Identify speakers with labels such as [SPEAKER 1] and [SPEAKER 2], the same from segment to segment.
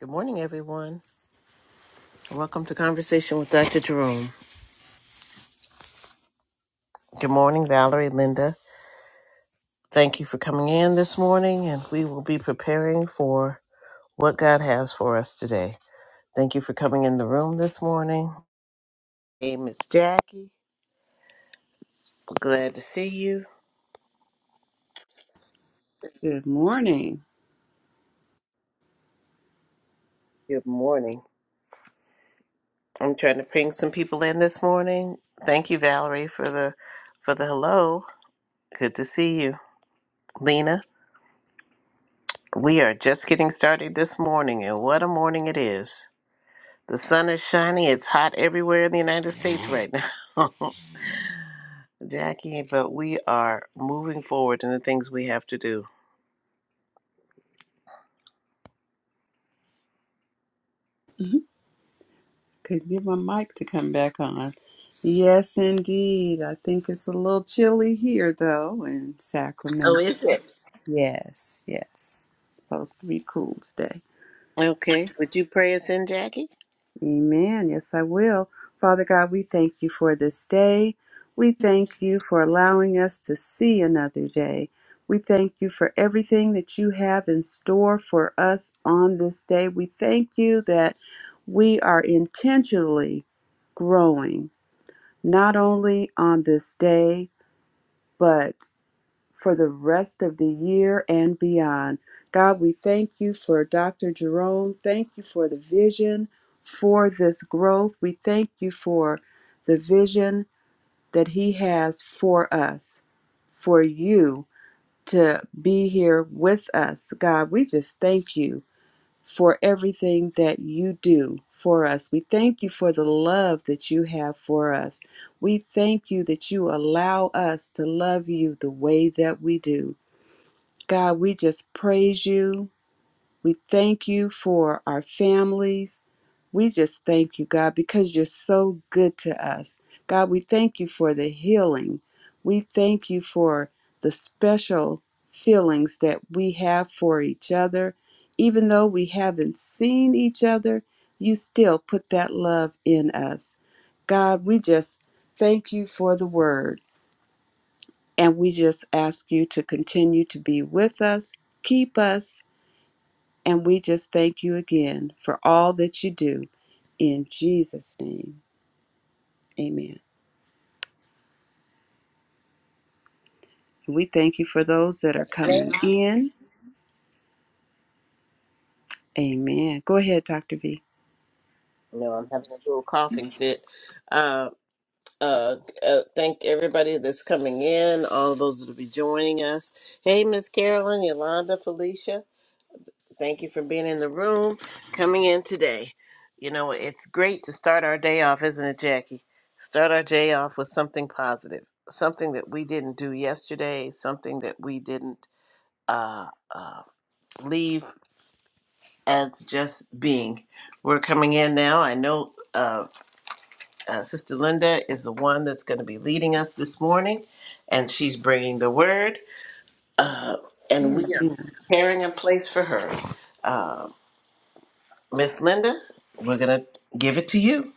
[SPEAKER 1] Good morning, everyone. Welcome to Conversation with Dr. Jerome. Good morning, Valerie, Linda. Thank you for coming in this morning, and we will be preparing for what God has for us today. Thank you for coming in the room this morning. Hey, Miss Jackie. Glad to see you.
[SPEAKER 2] Good morning.
[SPEAKER 1] Good morning. I'm trying to ping some people in this morning. Thank you, Valerie, for the for the hello. Good to see you, Lena. We are just getting started this morning, and what a morning it is. The sun is shining. It's hot everywhere in the United States right now, Jackie. But we are moving forward in the things we have to do.
[SPEAKER 2] Mhm. Couldn't get my mic to come back on. Yes, indeed. I think it's a little chilly here, though, in
[SPEAKER 1] Oh,
[SPEAKER 2] Sacramento.
[SPEAKER 1] is it?
[SPEAKER 2] Yes, yes. It's supposed to be cool today.
[SPEAKER 1] Okay. Would you pray us in, Jackie?
[SPEAKER 2] Amen. Yes, I will. Father God, we thank you for this day. We thank you for allowing us to see another day. We thank you for everything that you have in store for us on this day. We thank you that we are intentionally growing, not only on this day, but for the rest of the year and beyond. God, we thank you for Dr. Jerome. Thank you for the vision for this growth. We thank you for the vision that he has for us, for you to be here with us. God, we just thank you for everything that you do for us. We thank you for the love that you have for us. We thank you that you allow us to love you the way that we do. God, we just praise you. We thank you for our families. We just thank you, God, because you're so good to us. God, we thank you for the healing. We thank you for the special feelings that we have for each other. Even though we haven't seen each other, you still put that love in us. God, we just thank you for the word. And we just ask you to continue to be with us, keep us, and we just thank you again for all that you do. In Jesus' name, amen. We thank you for those that are
[SPEAKER 1] No,
[SPEAKER 2] coming in. Amen. Go ahead, Dr. V.
[SPEAKER 1] no I'm having a little coughing fit. Uh, uh, uh, thank everybody that's coming in, all those that will be joining us. Hey, Miss Carolyn, Yolanda, Felicia. Thank you for being in the room, coming in today. You know, it's great to start our day off, isn't it, Jackie? Start our day off with something positive, something that we didn't do yesterday, something that we didn't uh, uh, leave as just being. We're coming in now. I know uh, uh, Sister Linda is the one that's going to be leading us this morning, and she's bringing the word, uh, and we are
[SPEAKER 2] Amen.
[SPEAKER 1] preparing a place for her. Miss Linda, we're going to give it to you.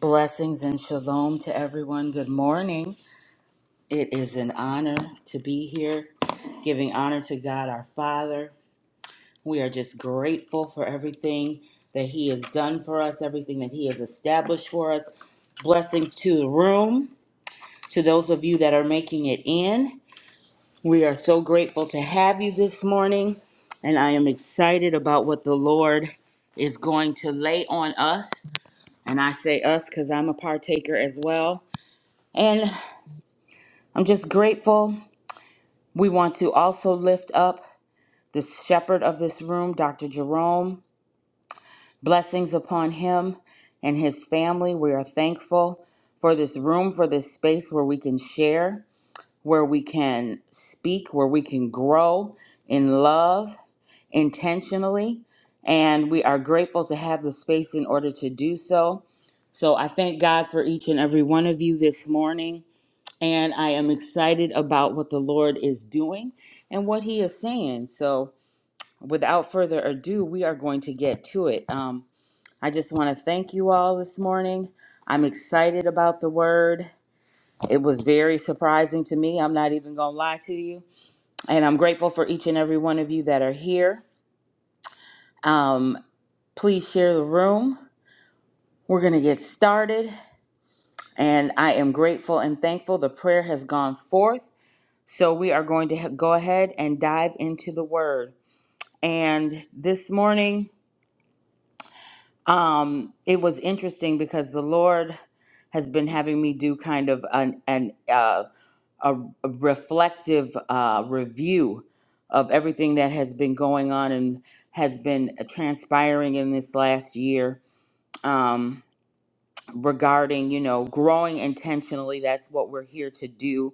[SPEAKER 3] Blessings and shalom to everyone. Good morning. It is an honor to be here, giving honor to God our Father. We are just grateful for everything that He has done for us, everything that He has established for us. Blessings to the room, to those of you that are making it in. We are so grateful to have you this morning, and I am excited about what the Lord is going to lay on us. And I say us because I'm a partaker as well. And I'm just grateful. We want to also lift up the shepherd of this room, Dr. Jerome. Blessings upon him and his family. We are thankful for this room, for this space where we can share, where we can speak, where we can grow in love intentionally. And we are grateful to have the space in order to do so. So I thank God for each and every one of you this morning. and I am excited about what the Lord is doing and what He is saying. So, without further ado, we are going to get to it. Um, I just want to thank you all this morning. I'm excited about the word. It was very surprising to me. I'm not even going to lie to you. And I'm grateful for each and every one of you that are here. Um, please share the room. We're going to get started. And I am grateful and thankful. The prayer has gone forth. So we are going to go ahead and dive into the word. And this morning, um, it was interesting because the Lord has been having me do kind of an, an uh, a a reflective uh, review of everything that has been going on and has been uh, transpiring in this last year um, regarding, you know, growing intentionally. That's what we're here to do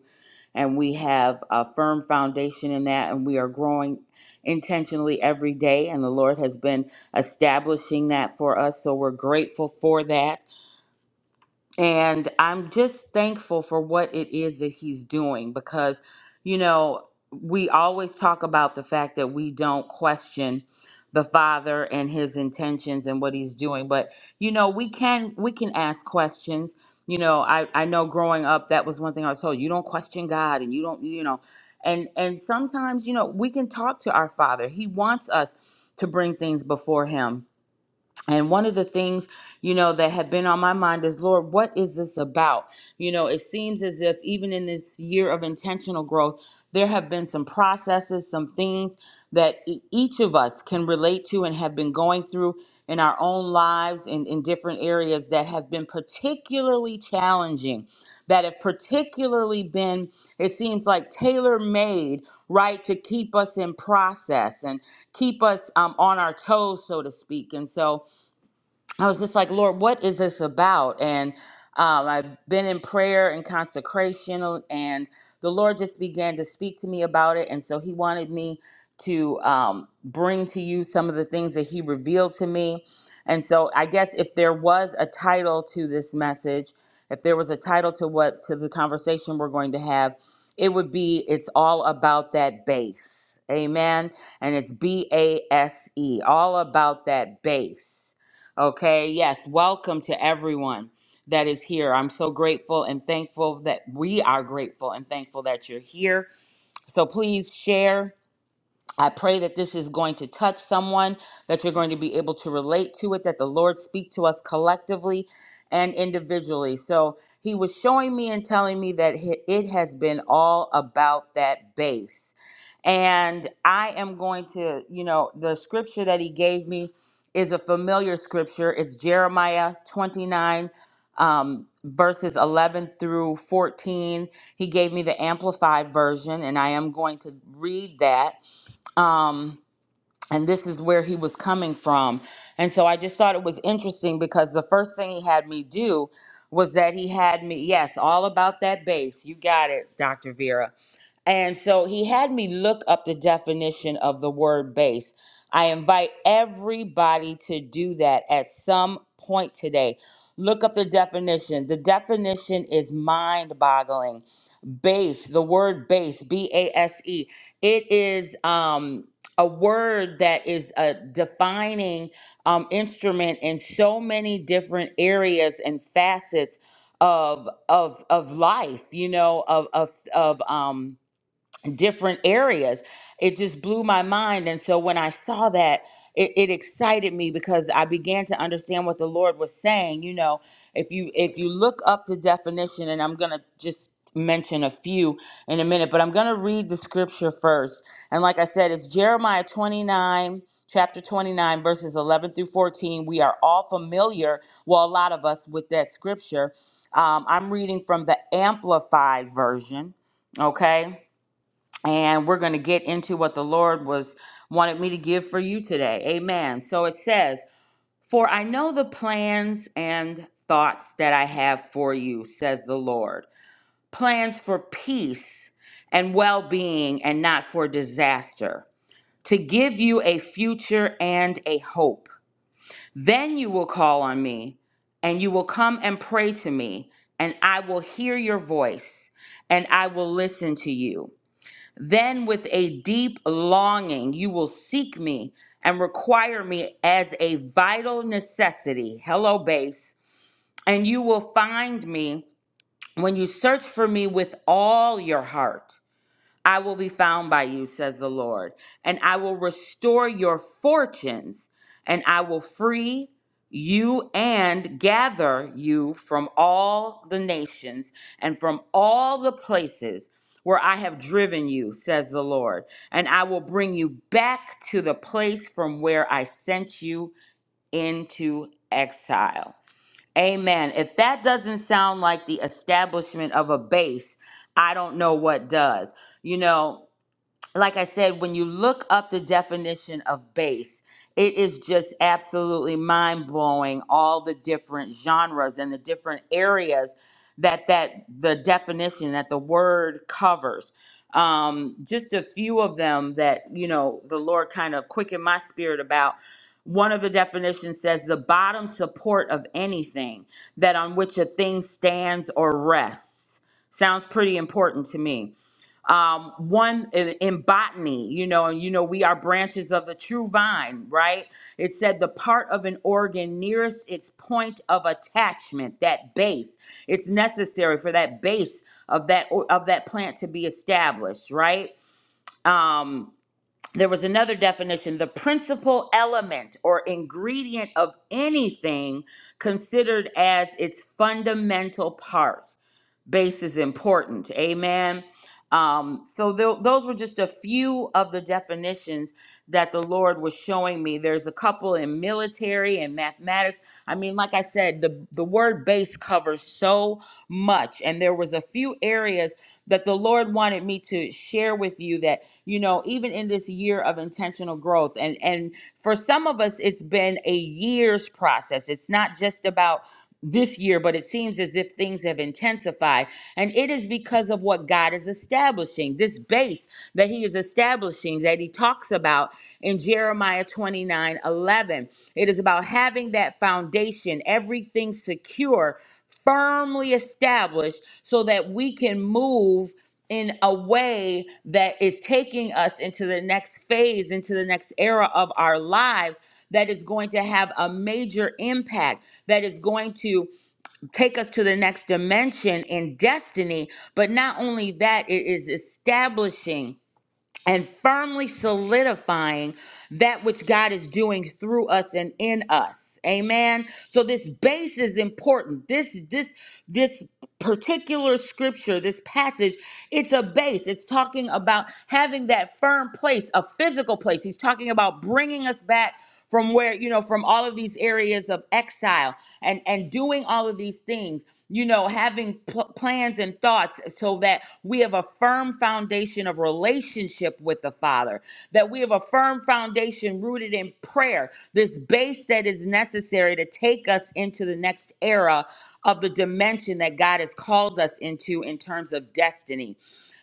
[SPEAKER 3] and we have a firm foundation in that and we are growing intentionally every day and the lord has been establishing that for us so we're grateful for that and I'm just thankful for what it is that he's doing because, you know, we always talk about the fact that we don't question the father and his intentions and what he's doing but you know we can we can ask questions you know i i know growing up that was one thing i was told you don't question god and you don't you know and and sometimes you know we can talk to our father he wants us to bring things before him and one of the things, you know, that had been on my mind is, Lord, what is this about? You know, it seems as if even in this year of intentional growth, there have been some processes, some things that e- each of us can relate to and have been going through in our own lives and in different areas that have been particularly challenging, that have particularly been, it seems like, tailor made, right, to keep us in process and keep us um, on our toes, so to speak. And so, I was just like, Lord, what is this about? And um, I've been in prayer and consecration, uh, and the Lord just began to speak to me about it. And so He wanted me to um, bring to you some of the things that He revealed to me. And so I guess if there was a title to this message, if there was a title to what to the conversation we're going to have, it would be it's all about that base. Amen. And it's B A S E, all about that base. Okay, yes, welcome to everyone that is here. I'm so grateful and thankful that we are grateful and thankful that you're here. So please share. I pray that this is going to touch someone, that you're going to be able to relate to it, that the Lord speak to us collectively and individually. So he was showing me and telling me that hi- it has been all about that base. And I am going to, you know, the scripture that he gave me is a familiar scripture. It's Jeremiah 29, um, verses 11 through 14. He gave me the amplified version, and I am going to read that um, and this is where he was coming from. And so I just thought it was interesting because the first thing he had me do was that he had me, yes, all about that bass. You got it, Dr. Vera. And so he had me look up the definition of the word base. I invite everybody to do that at some point today. Look up the definition. The definition is mind boggling. Base, the word base, B A S E. It is um a word that is a defining um, instrument in so many different areas and facets of of of life you know of of of um different areas. It just blew my mind. And so when I saw that, it, it excited me because I began to understand what the Lord was saying. You know, if you if you look up the definition, and I'm gonna just mention a few in a minute, but I'm gonna read the scripture first. And like I said, it's Jeremiah 29. Chapter 29, verses 11 through 14. We are all familiar, well, a lot of us, with that scripture. Um, I'm reading from the Amplified Version, okay? and we're going to get into what the Lord was wanted me to give for you today. Amen. So it says, "For I know the plans and thoughts that I have for you," says the Lord. "Plans for peace and well-being and not for disaster, to give you a future and a hope. Then you will call on me, and you will come and pray to me, and I will hear your voice, and I will listen to you." Then, with a deep longing, you will seek me and require me as a vital necessity. Hello, base. And you will find me when you search for me with all your heart. I will be found by you, says the Lord, and I will restore your fortunes, and I will free you and gather you from all the nations and from all the places where I have driven you, says the Lord, and I will bring you back to the place from where I sent you into exile. Amen. If that doesn't sound like the establishment of a base, I don't know what does. You know, like I said, when you look up the definition of bass, it is just absolutely mind blowing all the different genres and the different areas that that the definition that the word covers. Um, just a few of them that you know the Lord kind of quickened my spirit about. One of the definitions says the bottom support of anything that on which a thing stands or rests. Sounds pretty important to me um, one in, in botany, you know, and you know, we are branches of the true vine, right? It said the part of an organ nearest its point of attachment, that base. It's necessary for that base of that of that plant to be established, right? Um, there was another definition the principal element or ingredient of anything considered as its fundamental part base is important amen um, so tho- those were just a few of the definitions that the Lord was showing me. There's a couple in military and mathematics. I mean, like I said, the, the word base covers so much. And there was a few areas that the Lord wanted me to share with you that, you know, even in this year of intentional growth, and and for some of us, it's been a year's process. It's not just about this year, but it seems as if things have intensified. And it is because of what God is establishing, this base that He is establishing that He talks about in Jeremiah 29 11. It is about having that foundation, everything secure firmly established so that we can move in a way that is taking us into the next phase, into the next era of our lives, that is going to have a major impact, that is going to take us to the next dimension in destiny. But not only that, it is establishing and firmly solidifying that which God is doing through us and in us. Amen. So this base is important. This this this particular scripture, this passage, it's a base. It's talking about having that firm place, a physical place. He's talking about bringing us back from where you know from all of these areas of exile and and doing all of these things you know having pl- plans and thoughts so that we have a firm foundation of relationship with the father that we have a firm foundation rooted in prayer this base that is necessary to take us into the next era of the dimension that God has called us into in terms of destiny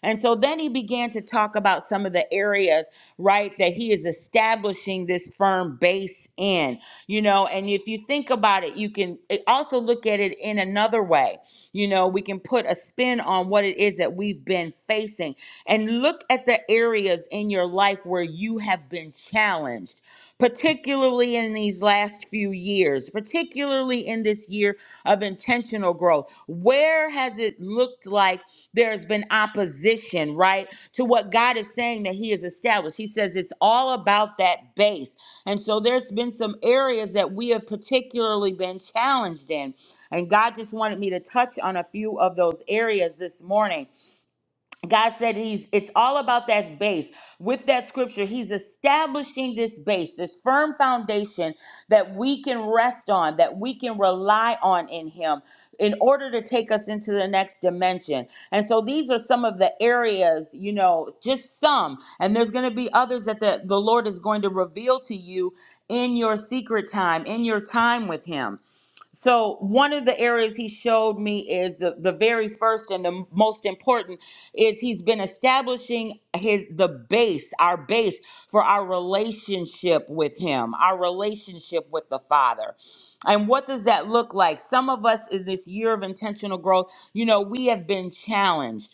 [SPEAKER 3] and so then he began to talk about some of the areas, right, that he is establishing this firm base in, you know. And if you think about it, you can eh, also look at it in another way. You know, we can put a spin on what it is that we've been facing and look at the areas in your life where you have been challenged particularly in these last few years, particularly in this year of intentional growth? Where has it looked like there's been opposition, right, to what God is saying that He has established? He says it's all about that base. And so there's been some areas that we have particularly been challenged in. And God just wanted me to touch on a few of those areas this morning. God said he's it's all about that base. With that scripture, he's establishing this base, this firm foundation that we can rest on, that we can rely on in him in order to take us into the next dimension. And so these are some of the areas, you know, just some. And there's going to be others that the, the Lord is going to reveal to you in your secret time, in your time with him. So one of the areas he showed me is the, the very first and the most important is he's been establishing his the base, our base for our relationship with him, our relationship with the Father. And what does that look like? Some of us in this year of intentional growth, you know, we have been challenged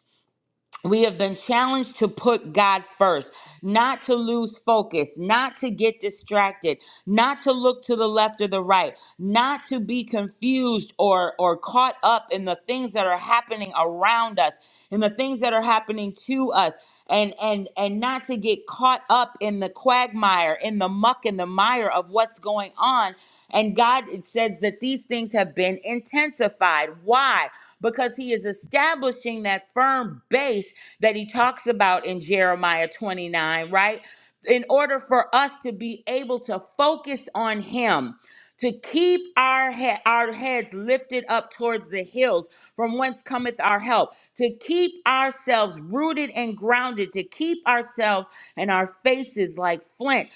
[SPEAKER 3] we have been challenged to put God first, not to lose focus, not to get distracted, not to look to the left or the right, not to be confused or, or caught up in the things that are happening around us, in the things that are happening to us, and and and not to get caught up in the quagmire, in the muck and the mire of what's going on. And God it says that these things have been strengthened, intensified. Why? Because he is establishing that firm base that he talks about in Jeremiah 29, right? In order for us to be able to focus on him, to keep our he- our heads lifted up towards the hills from whence cometh our help to keep ourselves rooted and grounded to keep ourselves and our faces like flint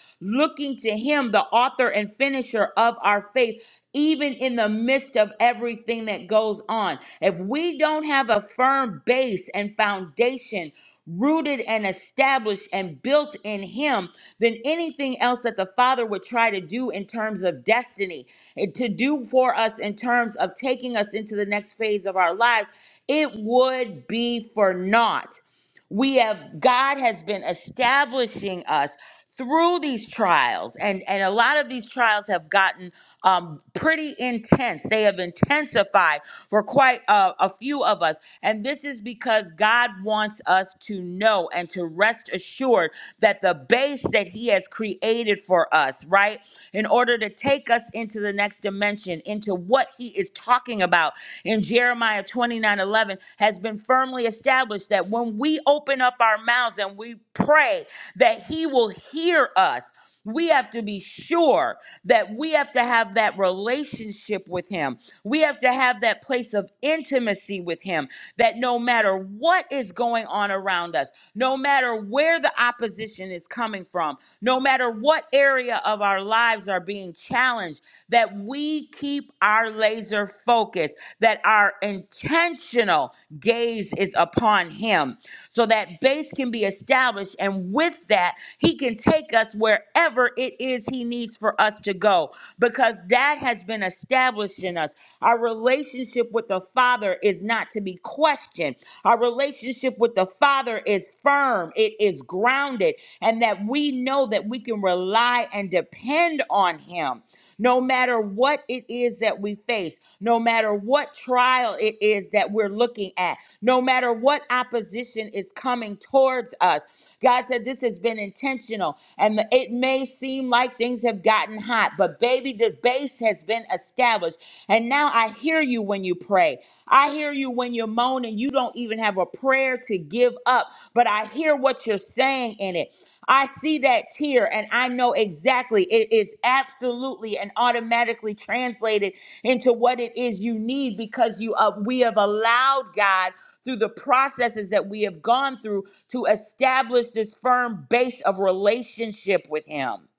[SPEAKER 3] looking to Him, the author and finisher of our faith, even in the midst of everything that goes on. If we don't have a firm base and foundation, Rooted and established and built in Him, then anything else that the Father would try to do in terms of destiny, and to do for us in terms of taking us into the next phase of our lives, it would be for naught we have god has been establishing us through these trials and and a lot of these trials have gotten um, pretty intense they have intensified for quite a, a few of us and this is because god wants us to know and to rest assured that the base that he has created for us right in order to take us into the next dimension into what he is talking about in jeremiah 29 11, has been firmly established that when when we open up our mouths and we pray that He will hear us. We have to be sure that we have to have that relationship with Him. We have to have that place of intimacy with Him that no matter what is going on around us, no matter where the opposition is coming from, no matter what area of our lives are being challenged, that we keep our laser focus, that our intentional gaze is upon upon him so that base can be established. And with that, he can take us wherever it is he needs for us to go because that has been established in us. Our relationship with the Father is not to be questioned. Our relationship with the Father is firm, it is grounded, and that we know that we can rely and depend on him. No matter what it is that we face, no matter what trial it is that we're looking at, no matter what opposition is coming towards us, God said this has been intentional. And it may seem like things have gotten hot, but baby, the base has been established. And now I hear you when you pray. I hear you when you're moaning. You don't even have a prayer to give up, but I hear what you're saying in it. I see that tear and I know exactly it is absolutely and automatically translated into what it is you need because you uh, we have allowed God through the processes that we have gone through to establish this firm base of relationship with him.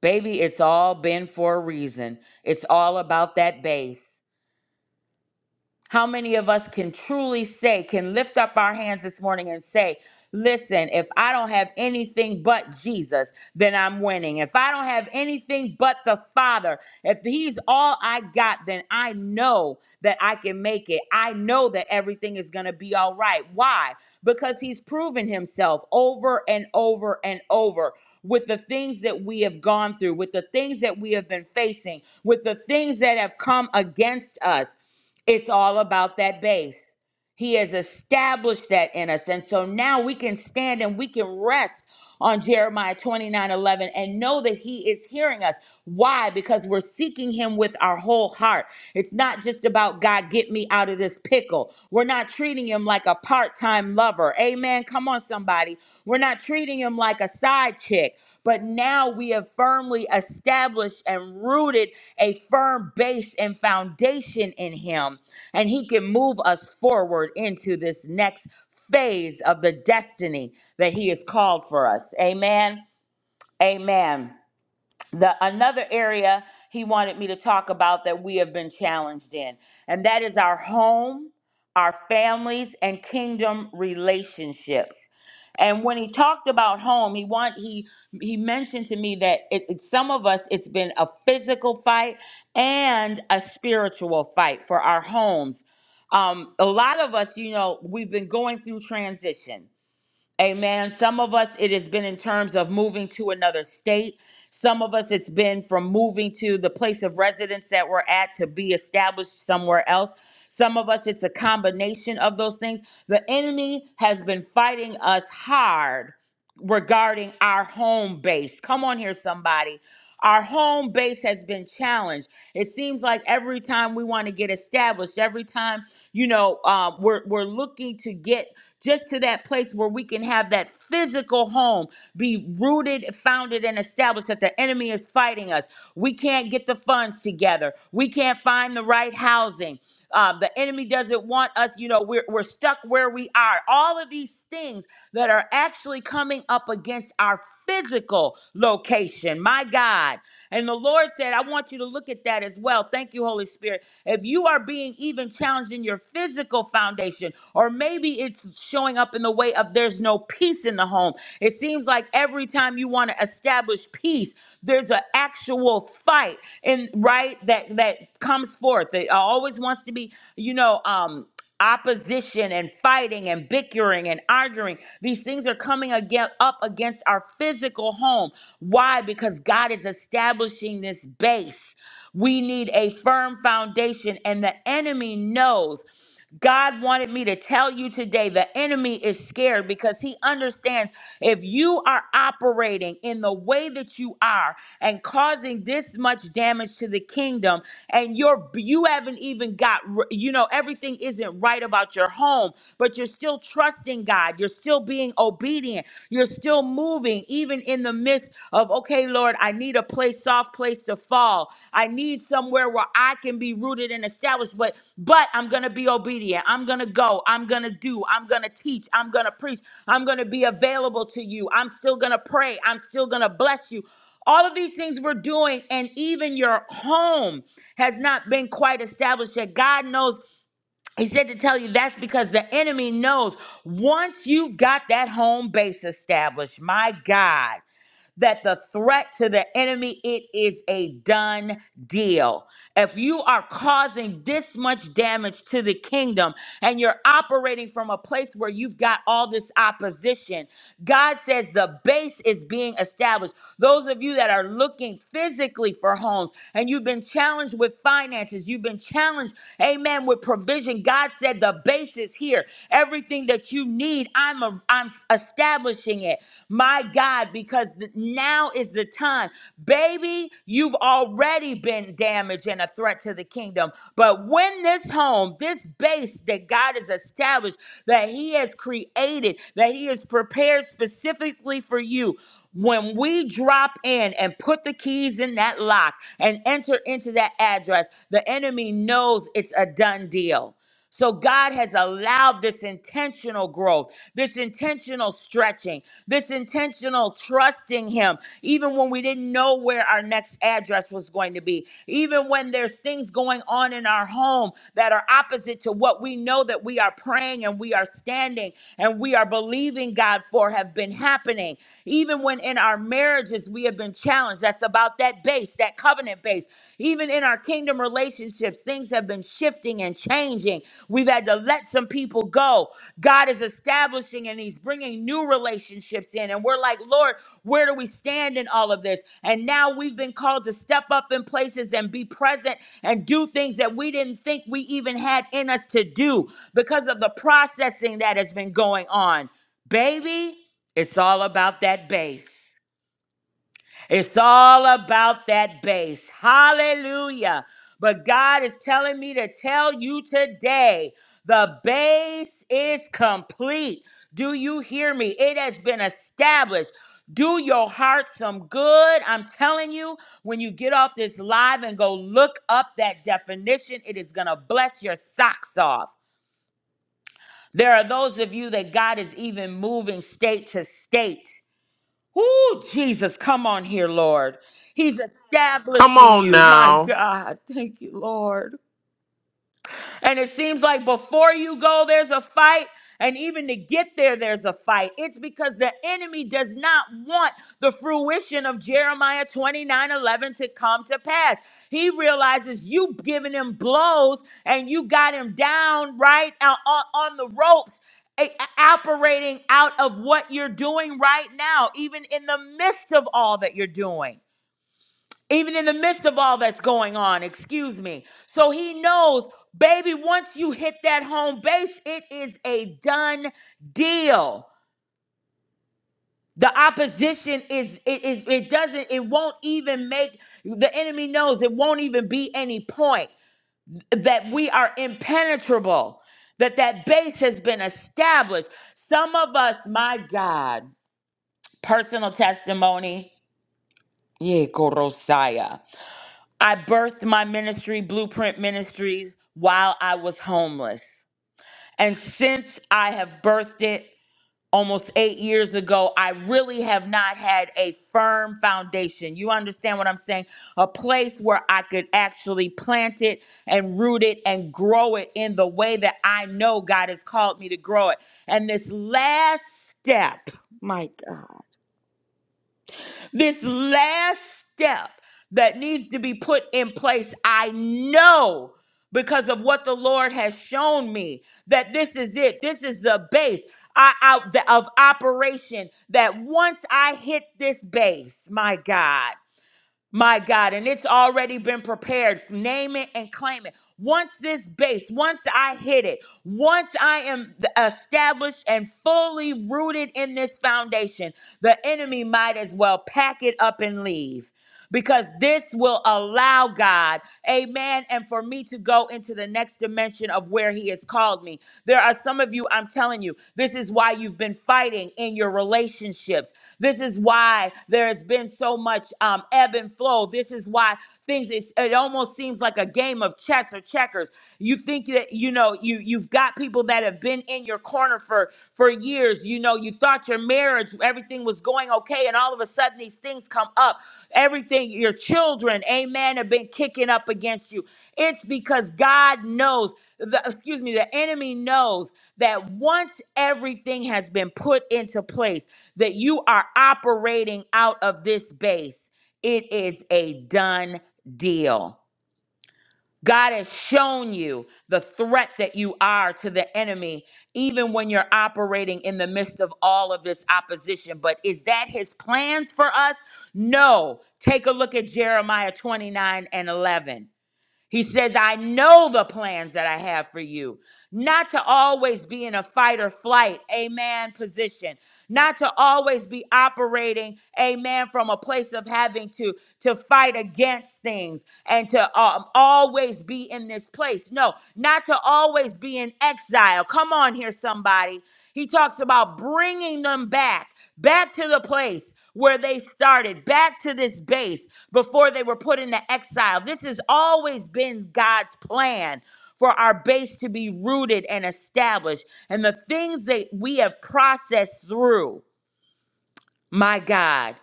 [SPEAKER 3] Baby, it's all been for a reason. It's all about that base. How many of us can truly say, can lift up our hands this morning and say, listen, if I don't have anything but Jesus, then I'm winning. If I don't have anything but the Father, if He's all I got, then I know that I can make it. I know that everything is going to be all right. Why? Because He's proven Himself over and over and over with the things that we have gone through, with the things that we have been facing, with the things that have come against us. It's all about that base. He has established that in us. And so now we can stand and we can rest on Jeremiah 29 11 and know that He is hearing us. Why? Because we're seeking Him with our whole heart. It's not just about God, get me out of this pickle. We're not treating Him like a part time lover. Amen. Come on, somebody. We're not treating Him like a side chick. But now we have firmly established and rooted a firm base and foundation in Him. And He can move us forward into this next phase of the destiny that He has called for us. Amen. Amen the another area he wanted me to talk about that we have been challenged in and that is our home our families and kingdom relationships and when he talked about home he want he he mentioned to me that it, it- some of us it's been a physical fight and a spiritual fight for our homes um, a lot of us you know we've been going through transition Amen. Some of us, it has been in terms of moving to another state. Some of us, it's been from moving to the place of residence that we're at to be established somewhere else. Some of us, it's a combination of those things. The enemy has been fighting us hard regarding our home base. Come on here, somebody. Our home base has been challenged. It seems like every time we want to get established, every time you know uh, we're we're looking to get just to that place where we can have that physical home be rooted, founded, and established that the enemy is fighting us. We can't get the funds together. We can't find the right housing. Uh, the enemy doesn't want us, you know, we're, we're stuck where we are. All of these things that are actually coming up against our physical location. My God. And the Lord said, I want you to look at that as well. Thank you, Holy Spirit. If you are being even challenged in your physical foundation, or maybe it's showing up in the way of there's no peace in the home, it seems like every time you want to establish peace, there's an actual fight and right that that comes forth. It always wants to be, you know, um, opposition and fighting and bickering and arguing. These things are coming again up against our physical home. Why? Because God is establishing this base. We need a firm foundation, and the enemy knows. God wanted me to tell you today the enemy is scared because he understands if you are operating in the way that you are and causing this much damage to the kingdom and you're you haven't even got r- you know everything isn't right about your home but you're still trusting God you're still being obedient you're still moving even in the midst of okay lord i need a place soft place to fall i need somewhere where i can be rooted and established but but i'm gonna be obedient i'm gonna go i'm gonna do i'm gonna teach i'm gonna preach i'm gonna be available to you i'm still gonna pray i'm still gonna bless you all of these things we're doing and even your home has not been quite established yet god knows he said to tell you that's because the enemy knows once you've got that home base established, my God that the threat to the enemy, it is a done deal. If you are causing this much damage to the kingdom and you're operating from a place where you've got all this opposition, God says the base is being established. Those of you that are looking physically for homes and you've been challenged with finances, you've been challenged, amen, with provision. God said the base is here. Everything that that you need, I'm a, I'm establishing it. My God, because th- now is the time. Baby, you've already been damaged and a threat to the kingdom. But when this home, this base that God has established, that He has created, that He has prepared specifically for you, when we drop in and put the keys in that lock and enter into that address, the enemy knows it's a done deal. So God has allowed this intentional growth, this intentional stretching, this intentional trusting Him, even when we didn't know where our next address was going to be, even when there's things going on in our home that are opposite to what we know that we are praying and we are standing and we are believing God for have been happening, even when in our marriages we have been challenged. That's about that that base, that covenant base. Even in our kingdom relationships, things have been shifting and changing. We've had to let some people go. God is establishing and He's bringing new relationships in. And we're like, Lord, where do we stand in all of this? And now we've been called to step up in places and be present and do things that we didn't think we even had in us to do because of the processing that has been going on. Baby, it's all about that base. It's all about that base. Hallelujah. But God is telling me to tell you today the base is complete. Do you hear me? It has been established. Do your heart some good. I'm telling you, when you get off this live and go look up that definition, it is going to bless your socks off. There are those of you that God is even moving state to state. Whoo, Jesus, come on here, Lord. He's
[SPEAKER 4] Come
[SPEAKER 3] establishing
[SPEAKER 4] on
[SPEAKER 3] you. My
[SPEAKER 4] now.
[SPEAKER 3] God. Thank you, Lord. And it seems like before you go, there's a fight. And even to get there, there's a fight. It's because the enemy does not want the fruition of Jeremiah 29 11 to come to pass. He realizes you've given him blows and you got him down right on, on the ropes a- operating out of what you're doing right now, even in the midst of all that you're doing even in the midst of all that's going on, excuse me. So he knows, baby, once you hit that home base, it is a done deal. The opposition is it is it doesn't it won't even make the enemy knows it won't even be any point that we are impenetrable that that base has been established. Some of us, my God, personal testimony, yeah, Korosaya. I birthed my ministry, Blueprint Ministries, while I was homeless. And since I have birthed it almost eight years ago, I really have not had a firm foundation. You understand what I'm saying? A place where I could actually plant it and root it and grow it in the way that I know God has called me to grow it. And this last step, my God. This last step that needs to be put in place, I know because of what the Lord has shown me that this is it. This is the base I, I- the- of operation. That once I hit this base, my God. My God, and it's already been prepared. Name it and claim it. Once this base, once I hit it, once I am th- established and fully rooted in this foundation, the enemy might as well pack it up and leave because this will allow God, amen, and for me to go into the next dimension of where He has called me. There are some of you, I'm telling you, this is why you've been fighting in your relationships. This is why there has been so much um, ebb and flow. This is why things it's, it almost seems like a game of chess or checkers. You think that you know you you've got people that have been in your corner for for years. You know you thought your marriage everything was going okay, and all of a sudden these things come up. Everything your children, amen, have been kicking up against you. It's because God knows the excuse me, the enemy knows that once everything has been put into place, that you are operating out of this base. It is a done deal. God has shown you the threat that you are to the enemy, even when you're operating in the midst of all of this opposition. But is that his plans for us? No. Take a look at Jeremiah 29 and 11. He says, I know the plans that I have for you, not to always be in a fight or flight, amen, position, not to always be operating, amen, from a place of having to, to fight against things and to um, always be in this place. No, not to always be in exile. Come on here, somebody. He talks about bringing them back, back to the place where they started, back to this base before they were put into exile. This has always been God's plan for our base to be rooted and established. And the things that we have processed through, my God,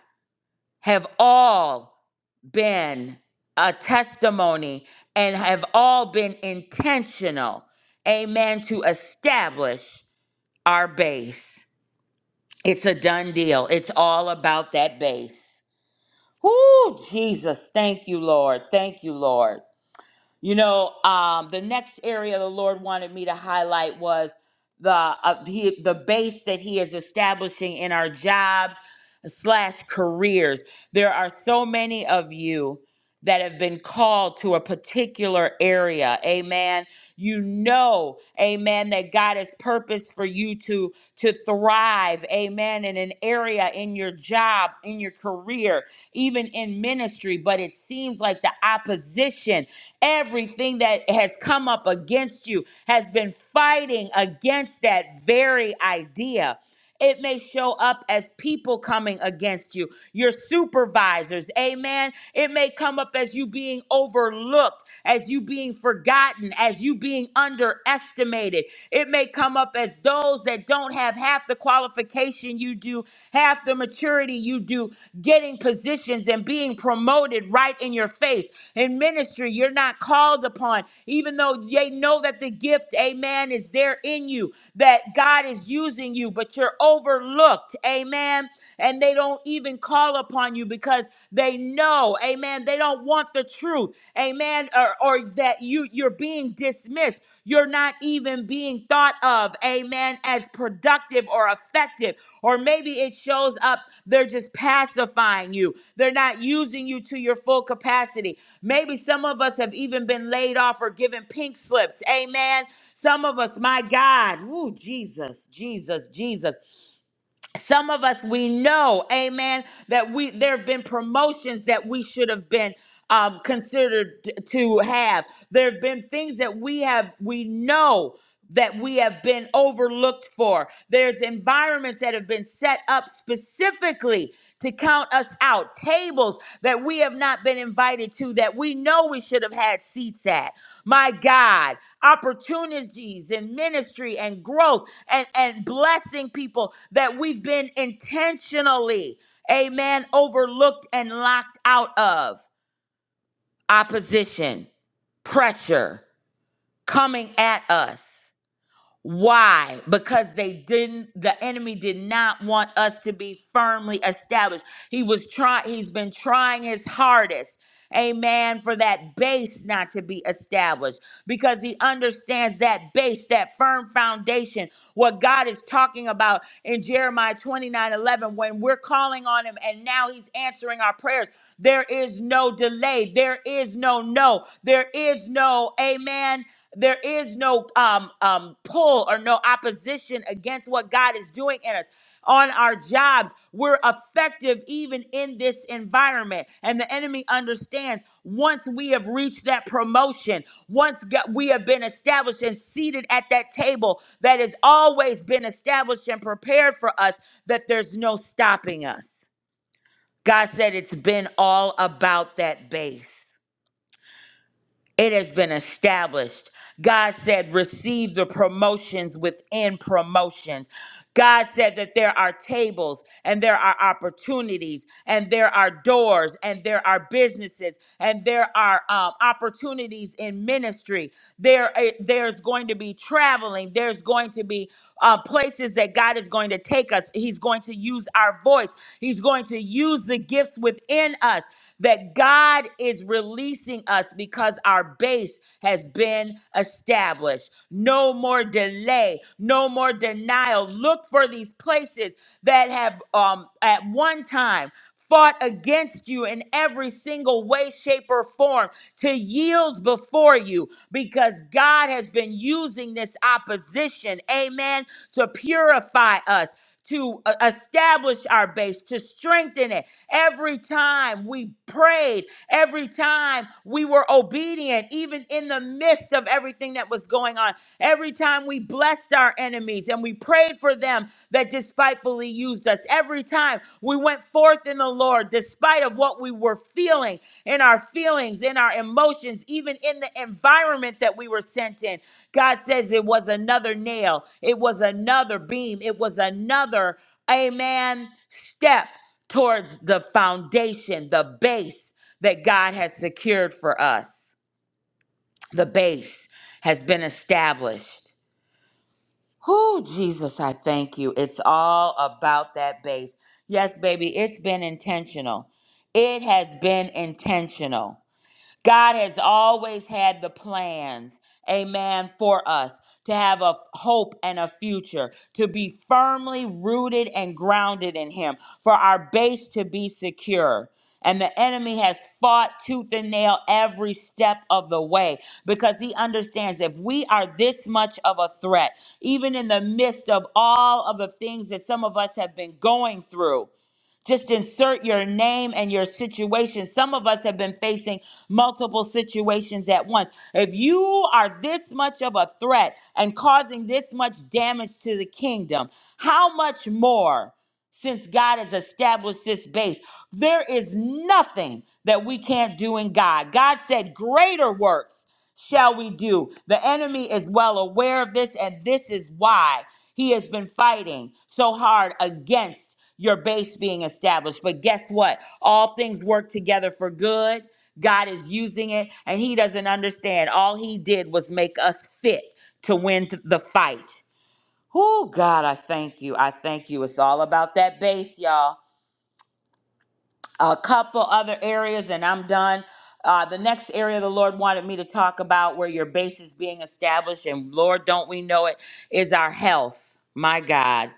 [SPEAKER 3] have all been a testimony and have all been intentional, amen, to establish our base. It's a done deal. It's all about that base. Whoo, Jesus. Thank you, Lord. Thank you, Lord. You know, um, the next area the Lord wanted me to highlight was the uh, he, the base that He is establishing in our jobs slash careers. There are so many of you that have been called to a particular area. Amen. You know, amen, that God has purpose for you to to thrive. Amen. In an area in your job, in your career even in ministry, but it seems like the opposition, everything that has come up against you, has been fighting against that very idea. It may show up as people coming against you, your supervisors, amen. It may come up as you being overlooked, as you being forgotten, as you being underestimated. It may come up as those that don't have half the qualification you do, half the maturity you do, getting positions and being promoted right in your face. In ministry, you're not called upon, even though they know that the gift, amen, is there in you, that God is using you, but you're you're overlooked. Amen. And they don't even call upon you because they know, amen, they don't want the truth. Amen. Or, or that you you're being dismissed. You're not even being thought of, amen, as productive or effective. Or maybe it shows up they're just pacifying you. They're not using you to your full capacity. Maybe some of us have even been laid off or given pink slips. Amen. Some of us, my God, woo, Jesus, Jesus, Jesus some of us we know amen that we there have been promotions that we should have been um, considered t- to have there have been things that we have we know that we have been overlooked for there's environments that have been set up specifically to count us out, tables that we have not been invited to that we know we should have had seats at. My God, opportunities in ministry and growth and, and blessing people that we've been intentionally, amen, overlooked and locked out of. Opposition, pressure coming at us. Why? Because they didn't, the enemy did not want us to be firmly established. He was trying, he's been trying his hardest, amen, for that base not to be established because he understands that base, that firm foundation, what God is talking about in Jeremiah 29 11. when we're calling on him and now he's answering our prayers. There is no delay, there is no no, there is no amen. There is no um, um, pull or no opposition against what God is doing in us. On our jobs, we're effective even in this environment. And the enemy understands once we have reached that promotion, once go- we have been established and seated at that table that has always been established and prepared for us, that there's no stopping us. God said it's been all about that base. It has been established. God said, receive the promotions within promotions. God said that there are tables and there are opportunities and there are doors and there are businesses and there are um, opportunities in ministry. There, eh, there's going to be traveling. There's going to be uh, places that God is going to take us. He's going to use our voice. He's going to use the gifts within us that God is releasing us because our base has been established. No more delay, no more denial. Look for these places that have um, at one time fought against you in every single way, shape, or form to yield before you because God has been using this opposition, amen, to purify us to uh, establish our base, to strengthen it. Every time we prayed, every time we were obedient, even in the midst of everything that was going on, every time we blessed our enemies and we prayed for them that despitefully used us, every time we went forth in the Lord, spite of what we were feeling in our feelings, in our emotions, even in the environment that we were sent in. God says it was another nail, it was another beam, it was another, amen, step towards the foundation, the base that God has secured for us. The base has been established. Oh, Jesus, I thank you. It's all about that base. Yes, baby, it's been intentional. It has been intentional. God has always had the plans, amen, for us to have a hope and a future, to be firmly rooted and grounded in Him, for our base to be secure. And the enemy has fought tooth and nail every step of the way because he understands if we are this much of a threat, even in the midst of all of the things that some of us have been going through, just insert your name and your situation. Some of us have been facing multiple situations at once. If you are this much of a threat and causing this much damage to the kingdom, how much more? since God has established this base. There is nothing that we can't do in God. God said, Greater works shall we do. The enemy is well aware of this, and this is why he has been fighting so hard against your base being established. But guess what? All things work together for good. God is using it, and he doesn't understand. All he did was make us fit to win th- the fight. Oh, God, I thank you. I thank you. It's all about that base, y'all. A couple other areas, and I'm done. Uh, the next area the Lord wanted me to talk about where your base is being established, and Lord, don't we know it, is our health. My God.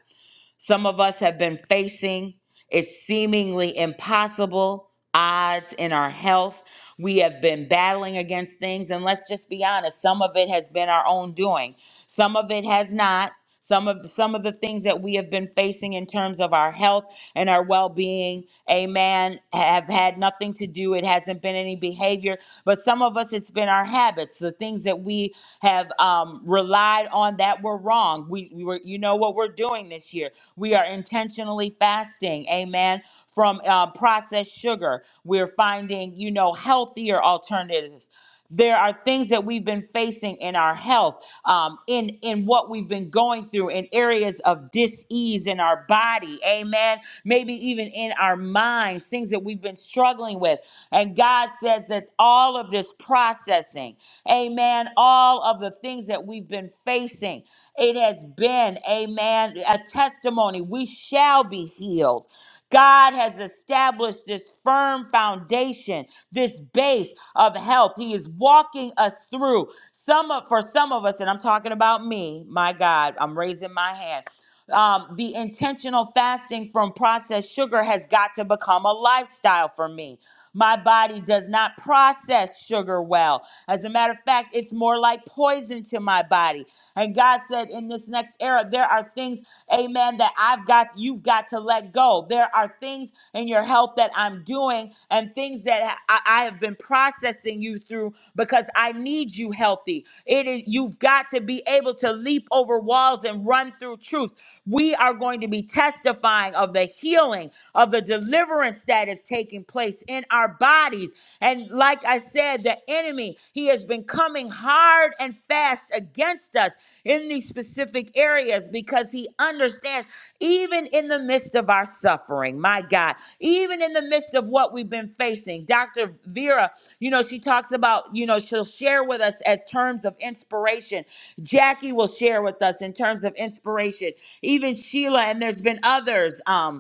[SPEAKER 3] Some of us have been facing it's seemingly impossible odds in our health. We have been battling against things, and let's just be honest, some of it has been our own doing. Some of it has not. Some of some of the things that we have been facing in terms of our health and our well-being, amen, have had nothing nothing to do. It hasn't been any behavior, but some of us, it's been our habits, the things that we have um, relied on that were wrong. We, we were, you know what we're doing this year. We are intentionally fasting. Amen. From uh, processed sugar, we're finding, you know, healthier alternatives there are things that we've been facing in our health, um, in in what we've been going through, in areas of dis-ease in our body, amen. Maybe even in our minds, things that we've been struggling with. And God says that all of this processing, amen, all of the things that we've been facing, it has been, amen, a testimony. We shall be healed. God has established this firm foundation, this base of health. He is walking us through. Some of, for some of us, and I'm talking about me, my God, I'm raising my hand. Um, the intentional fasting from processed sugar has got to become a lifestyle for me. My body does not process sugar well. As a matter of fact, it's more like poison to my body. And God said, in this next era, there are things, amen, that I've got, you've got to let go. There are things in your health that I'm doing and and things that I, I have been processing you through because I need you healthy. It is you've got to be able to leap over walls and run through truth. We are going to be testifying of the healing, of the deliverance that is taking place in our bodies. And like I said, the enemy, he has been coming hard and fast against us in these specific areas because he understands even in the midst of our suffering, my God, even in the midst of what we've been facing. Dr. Vera, you know, she talks about, you know, she'll share with us as terms of inspiration. Jackie will share with us in terms of inspiration. Even Sheila, and there's been others. Um,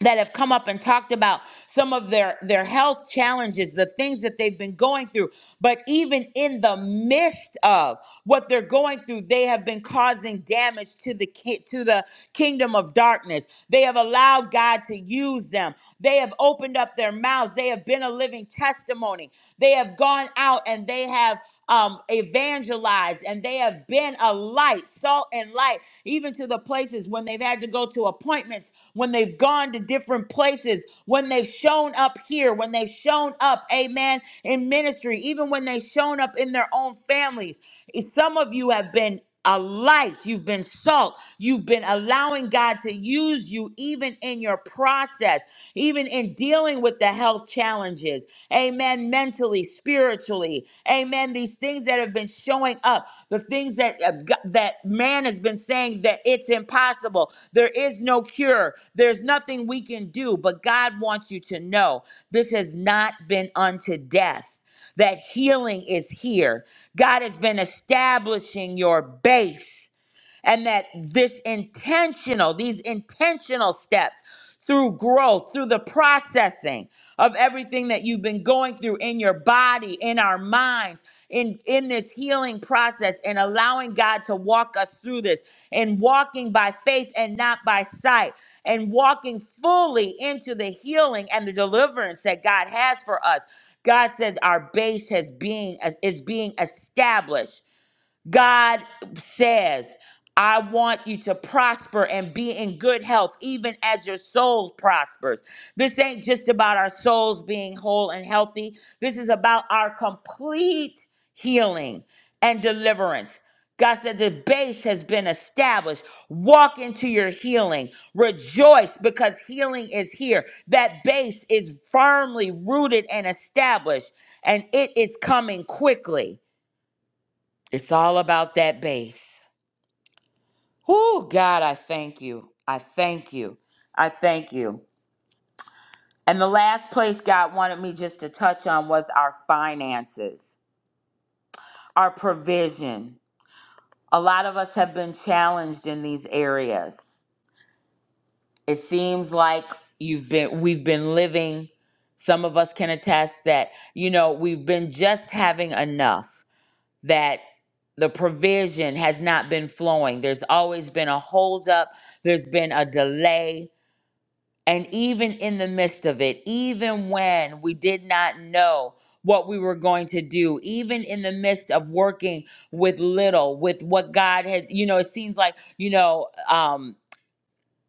[SPEAKER 3] that have come up and talked about some of their their health challenges the things that they've been going through but even in the midst of what they're going through they have been causing damage to the ki- to the kingdom of darkness they have allowed God to use them they have opened up their mouths they have been a living testimony they have gone out and they have um, evangelized and they have been a light, salt and light, even to the places when they've had to go to appointments when they've gone to different places, when they've shown up here, when they've shown up, amen, in ministry, even when they've shown up in their own families. Some of you have been a light, you've been salt, you've been allowing God to use you even in your process, even in dealing with the health challenges, amen, mentally, spiritually. Amen. These things that have been showing up, the things that uh, g- that man has been saying that it's impossible. There is no cure. There's nothing we can do, but God wants you to know this has not been unto death. That healing is here. God has been establishing your base and that this intentional, these intentional steps through growth, through the processing of everything that you've been going through in your body, in our minds, in in this healing process and allowing God to walk us through this and walking by faith and not by sight and walking fully into the healing and the deliverance that God has for us. God says our base has being is being established God says, I want you to prosper and be in good health, even as your soul prospers. This ain't just about our souls being whole and healthy. This is about our complete healing and deliverance. God said the base has been established. Walk into your healing. Rejoice because healing is here. That base is firmly rooted and established, and it is coming quickly. It's all about that base. Oh, God, I thank you. I thank you. I thank you. And the last place God wanted me just to touch on was our finances, our provision. A lot of us have been challenged in these areas. It seems like you've been we've been living some of us can attest that you know we've been just having enough that the provision has not been flowing. There's always been a holdup, there's been a delay. And even in the midst of it, even when we did not know what we were going to do, even in the midst of working with little, with what God had, you know, it seems like, you know, um,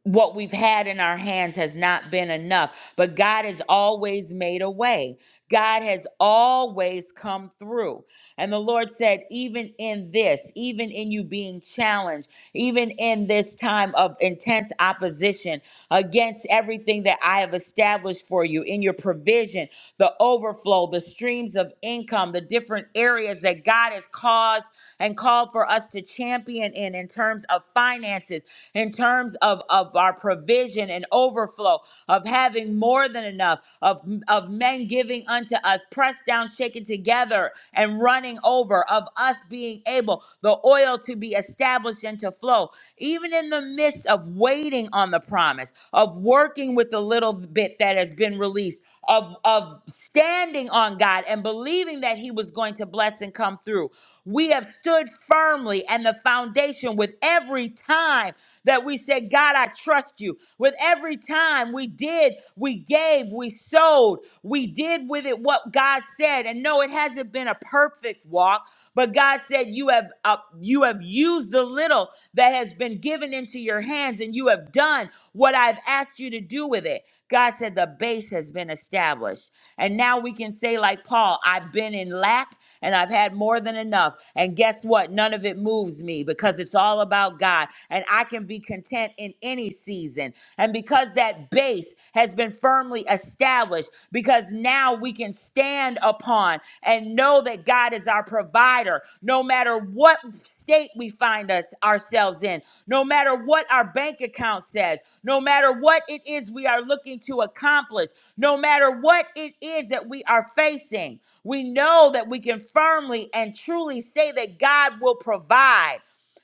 [SPEAKER 3] what we've had in our hands has not been enough, but God has always made a way. God has always come through. And the Lord said, even in this, even in you being challenged, even in this time of intense opposition against everything that I have established for you, in your provision, the overflow, the streams of income, the different areas that God has caused and called for us to champion in, in terms of finances, in terms of, of our provision and overflow, of having more than enough, of, of men giving coming unto us, pressed down, shaken together, and running over, of us being able, the oil to be established and to flow. Even in the midst of waiting on the promise, of working with the little bit that has been released, of, of standing on God and believing that He was going to bless and come through. We have stood firmly and the foundation with every time that we said, God, I trust you. With every time we did, we gave, we sowed, we did with it what God said. And no, it hasn't been a perfect walk, but God said, You have uh, you have used the little that has been given into your hands, and you have done done what I've asked you to do with it. God said the base has been established. And now we can say, like Paul, I've been in lack and I've had more than enough. And guess what? None of it moves me because it's all about God. And I can be content in any season. And because that base has been firmly established, because now we can can stand upon and know that God is our provider no matter what state we find us ourselves in no matter what our bank account says no matter what it is we are looking to accomplish no matter what it is that we are facing we know that we can firmly and truly say that God will provide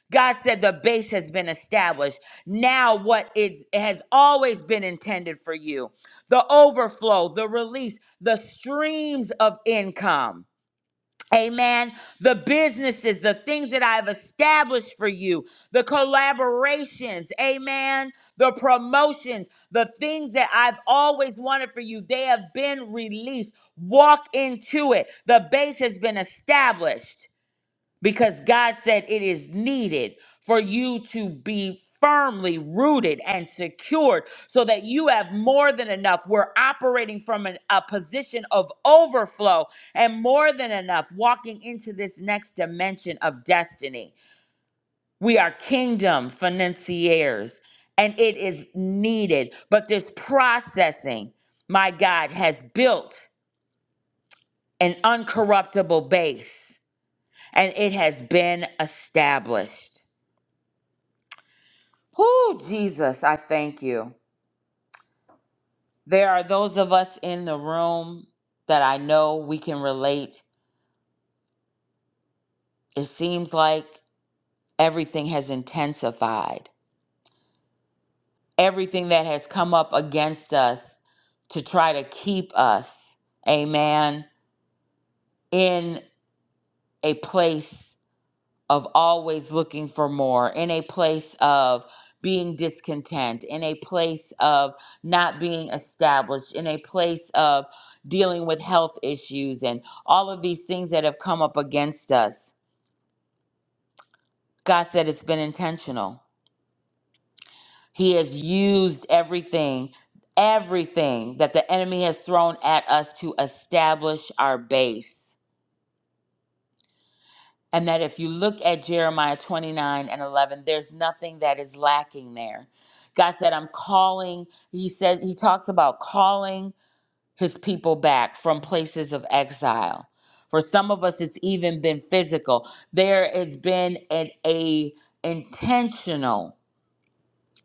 [SPEAKER 3] God said the base has been established. Now, what is has always been intended for you the overflow, the release, the streams of income. Amen. The businesses, the things that I've established for you, the collaborations, amen. The promotions, the things that I've always wanted for you, they have been released. Walk into it. The base has been established because God said it is needed for you to be firmly rooted and secured so that you have more than enough. We're operating from an- a position of overflow and more than enough walking into this next dimension of destiny. We are kingdom financiers and it is needed, but this processing, my God, has built an uncorruptible base and it has been established. Oh, Jesus, I thank you. There are those of us in the room that I know we can relate. It seems like everything has intensified, everything that has come up against us to try to keep us, amen, in a place. of always looking for more, in a place of being discontent, in a place of not being established, in a place of dealing with health issues and all of these things that have come up against us. God said it's been intentional. He has used everything, everything that the enemy has thrown at us to establish our base. And that if you look at Jeremiah 29 and 11, there's nothing that is lacking there. God said, I'm calling. He says, He talks about calling his people back from places of exile. For some of us, it's even been physical. There has been an a intentional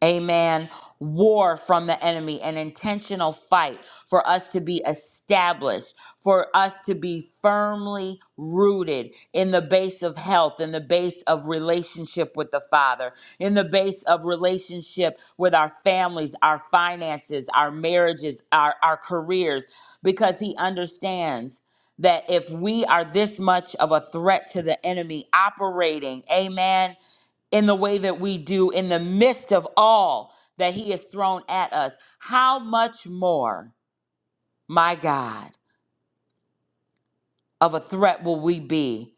[SPEAKER 3] amen, war from the enemy, an intentional fight for us to be established, for us to be firmly rooted in the base of health, in the base of relationship with the Father, in the base of relationship with our families, our finances, our marriages, our, our careers, because He understands. That if we are this much of a threat to the enemy operating, amen, in the way that we do in the midst of all that he has thrown at us, how much more, my God, of a threat will we be?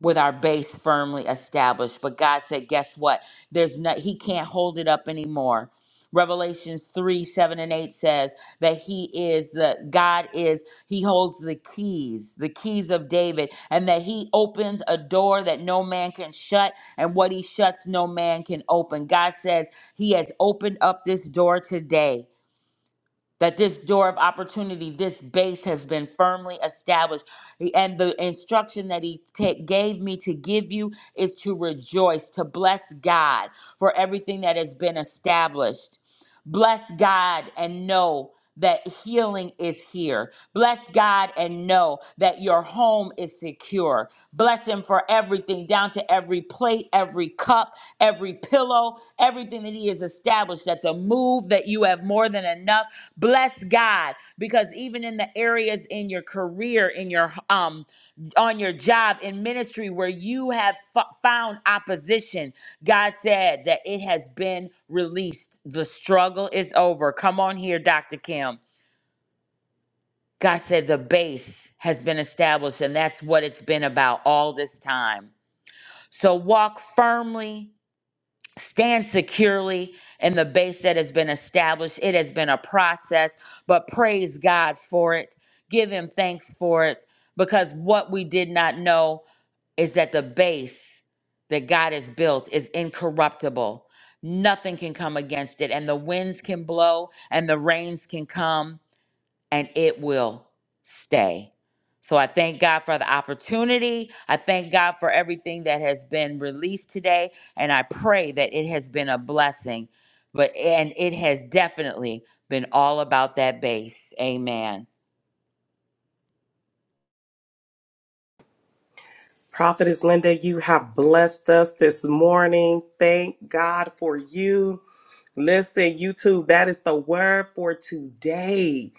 [SPEAKER 3] with our base firmly established. But God said, guess what? There's not he can't hold it up anymore. Revelations 3, 7, and 8 says that he is the God is, he holds the keys, the keys of David, and that he opens a door that no man can shut, and what he shuts, no man can open. God says he has opened up this door today that this door of opportunity, this base has been firmly established. And the instruction that he ta- gave me to give you is to rejoice, to bless God for everything that has been established. Bless God and know that healing is here. Bless God and know that your home is secure. Bless Him for everything, down to every plate, every cup, every pillow, everything that He has established, that the move that you have more than enough bless god because even in the areas in your career in your um on your job in ministry where you have f- found opposition god said that it has been released the struggle is over come on here dr kim god said the base has been established and that's what it's been about all this time so walk firmly Stand securely in the base that has been established. It has been a process, but praise God for it. Give Him thanks for it because what we did not know is that the base that God has built is incorruptible. Nothing can come against it, and the winds can blow and the rains can come and it will stay. So I thank God for the opportunity. I thank God for everything that has been released today and I pray that it has been a blessing. But and it has definitely been all about that base. Amen.
[SPEAKER 5] Prophetess Linda, you have blessed us this morning. Thank God for you. Listen, YouTube, that is the word for today.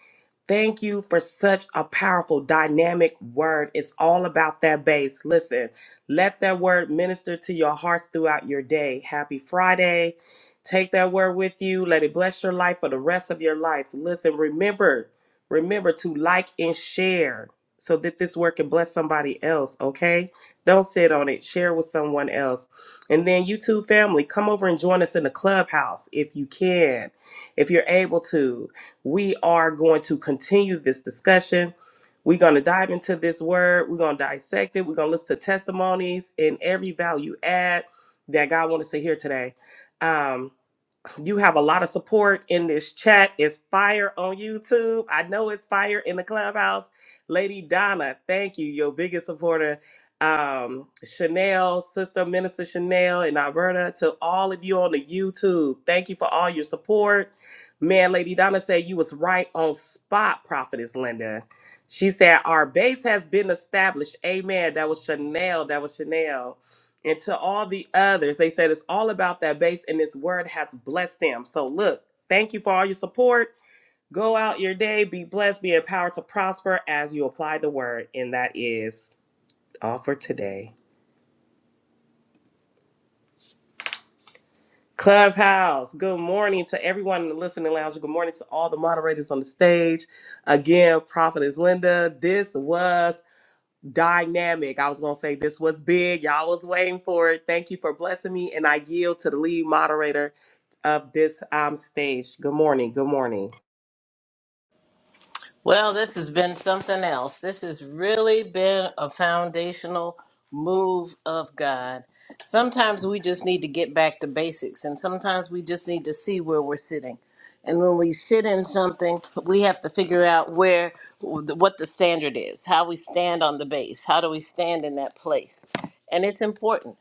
[SPEAKER 5] Thank you for such a powerful, dynamic word. It's all about that base. Listen, let that word minister to your hearts throughout your day. Happy Friday. Take that word with you. Let it bless your life for the rest of your life. Listen, remember, remember to like and share so that this word can bless somebody else, okay? Don't sit on it. Share with someone else. And then, you too, family, come over and join us in the clubhouse if you can, if you're able to. We are going to continue this discussion. We're going to dive into this word. We're going to dissect it. We're going to listen to testimonies and every value add that God wants us to hear today. Um, you have a lot of support in this chat. It's fire on YouTube. I know it's fire in the clubhouse. Lady Donna, thank you, your biggest supporter. Um, Chanel, Sister Minister Chanel in Alberta, to all of you on the YouTube, thank you for all your support. Man, Lady Donna said you was right on spot, Prophetess Linda. She said, Our base has been established. Amen. That was Chanel. That was Chanel and to all the others. They said it's all about that base, and this word has blessed them. So, look, thank you for all your support. Go out your day, be blessed, be empowered to prosper as you apply the word. And that is all for today. Clubhouse, good morning to everyone in the listening lounge. Good morning to all the moderators on the stage. Again, Prophet is Linda. This was dynamic. I was going to say this was big. Y'all was waiting for it. Thank you for blessing me. And I yield to the lead moderator of this um, stage. Good morning. Good morning.
[SPEAKER 1] Well, this has been something else. This has really been a foundational move of God. Sometimes we just need to get back to basics, and sometimes we just need to see where we're sitting. And when we sit in something, we have to figure out where what the standard is, how we stand on the base, how do we stand in that place. And it's important.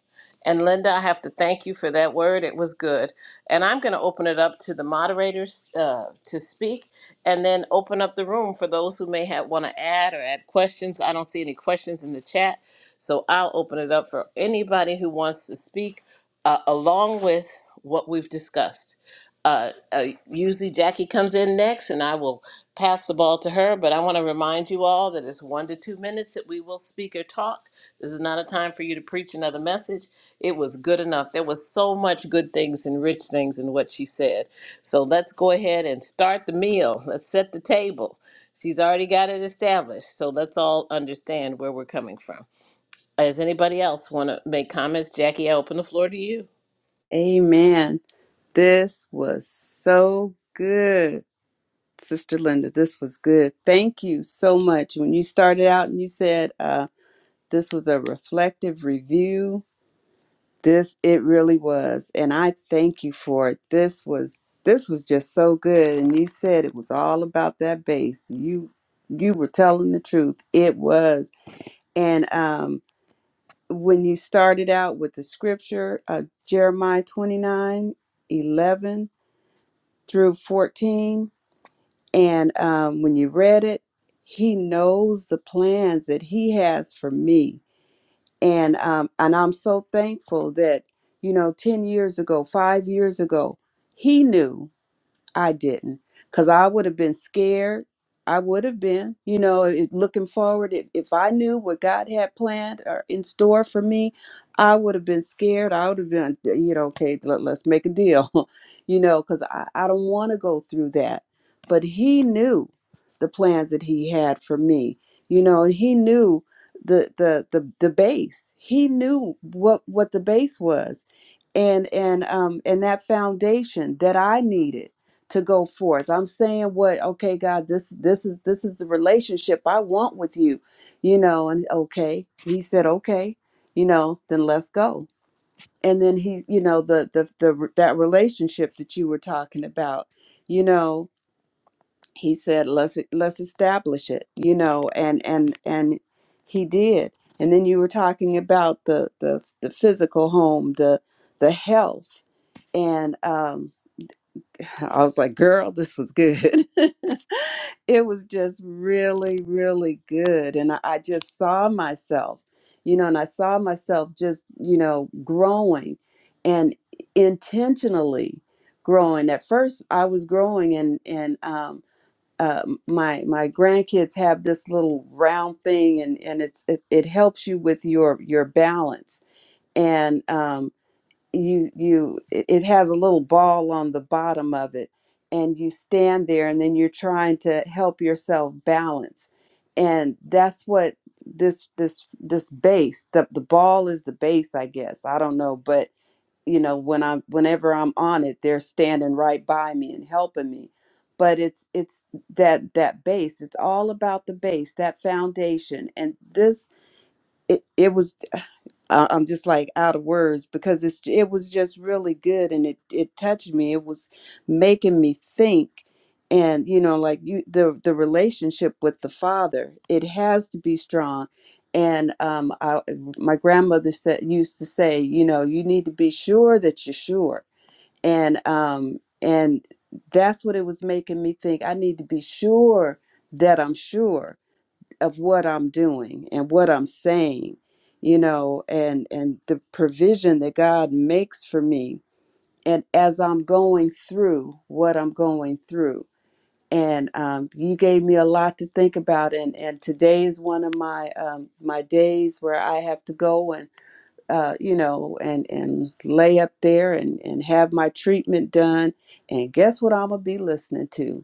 [SPEAKER 1] And Linda, I have to thank you for that word. It was good. And I'm going to open it up to the moderators uh, to speak and then open up the room for those who may have want to add or add questions. I don't see any questions in the chat. So I'll open it up for anybody who wants to speak uh, along with what we've discussed uh, uh, usually Jackie comes in next, and I will pass the ball to her. But I want to remind you all that it's one to two minutes that we will speak or talk. This is not a time for you to preach another message. It was good enough. There was so much good things and rich things in what she said. So let's go ahead and start the meal. Let's set the table. She's already got it established. So let's all understand where we're coming from. Does anybody else want to make comments? Jackie, I open the floor to you.
[SPEAKER 2] Amen. This was so good, Sister Linda. This was good. Thank you so much. When you started out and you said uh, this was a reflective review, This it really was, and I thank you for it. This was this was just so good, and you said it was all about that bass. You you were telling the truth. It was, and um, when you started out with the scripture, uh, Jeremiah 29 11 through fourteen, and um, when you read it, He knows the plans that He has for me and um, and I'm so thankful that you know ten years ago, five years ago, he knew I didn't because I would have been scared. I would have been, you know, it- looking forward. If, if I knew what God had planned or in store for me, I would have been scared. I would have been, you know, okay, let, us make a deal, you know, because I, I don't want to go through that. But He knew the plans that He had for me, you know, and He knew the the the the base. He knew what what the base was, and and um and that foundation that I needed to go forth. I'm saying what, okay, God, this this is this is the relationship I want with you, you know, and okay. He said, okay, you know, then let's go. And then he, you know, the the the that relationship that you were talking about, you know, he said, let's let's establish it, you know, and and and he did. And then you were talking about the the the physical home, the the health and um I was like, girl, this was good. it was just really, really good. And I, I just saw myself, you know, and I saw myself just, you know, growing and intentionally growing. At first, I was growing, and, and, um, uh, my my grandkids have this little round thing and and it's it, it helps you with your your balance and um you you it it has a little ball on the bottom of it and you stand there and then you're trying to help yourself balance and that's what this this this base the, the ball is the base i guess i don't know but you know when i'm whenever i'm on it they're standing right by me and helping me but it's it's that that base it's all about the base that foundation and this it, it was I- I'm just like out of words because it's it was just really good and it it touched me. It was making me think, and you know, like you the the relationship with the father, it has to be strong. And um, I, my grandmother said used to say, you know, you need to be sure that you're sure, and um, and that's what it was making me think. I need to be sure that I'm sure of what I'm doing and what I'm saying, you know, and and the provision that God makes for me, and as I'm going through what I'm going through, and um, you gave me a lot to think about, and and today is one of my um, my days where I have to go and uh, you know and and lay up there and and have my treatment done, and guess what I'm gonna be listening to?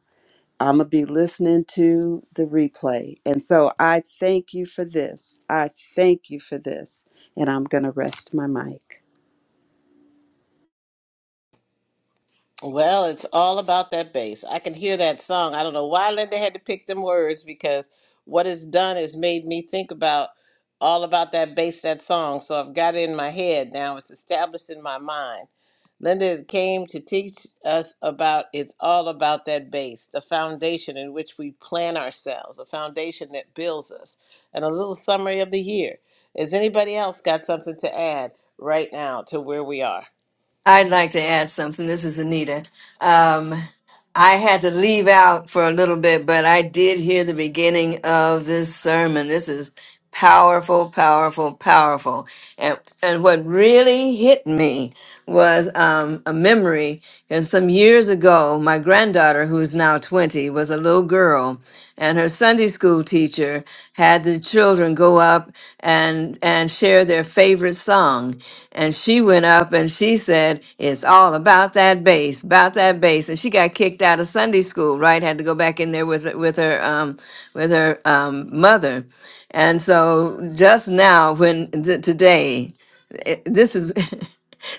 [SPEAKER 2] I'm going to be listening to the replay. And so I thank you for this. I thank you for this. And I'm going to rest my mic.
[SPEAKER 1] Well, it's all about that bass. I can hear that song. I don't know why Linda had to pick them words because what it's done is made me think about all about that bass, that song. So I've got it in my head now. It's established in my mind. Linda came to teach us about it's all about that bass, the foundation in which we plan ourselves, a foundation that builds us. And a little summary of the year. Has anybody else got something to add right now to where we are?
[SPEAKER 6] I'd like to add something. This is Anita. Um, I had to leave out for a little bit, but I did hear the beginning of this sermon. This is powerful, powerful, powerful. And, and what really hit me was um, a memory. And some years ago, my granddaughter, who is now 20, was a little girl and her Sunday school teacher had the children go up and and share their favorite song. And she went up and she said, "It's all about that bass, about that bass." And she got kicked out of Sunday school. Right, had to go back in there with with her um, with her um, mother. And so just now, when th- today, it- this is.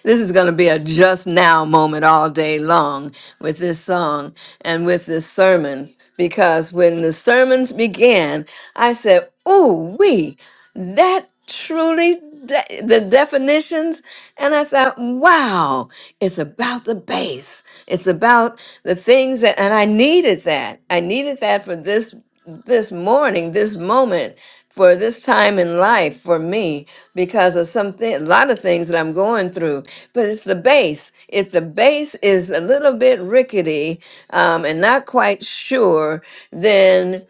[SPEAKER 6] this is going to be a just now moment all day long with this song and with this sermon because when the sermons began, I said, Ooh, we." that truly de- the definitions and i thought wow it's about the base it's about the things that and i needed that i needed that for this this morning this moment for this time in life for me because of something a lot of things that i'm going through but it's the base if the base is a little bit rickety um, and not quite sure then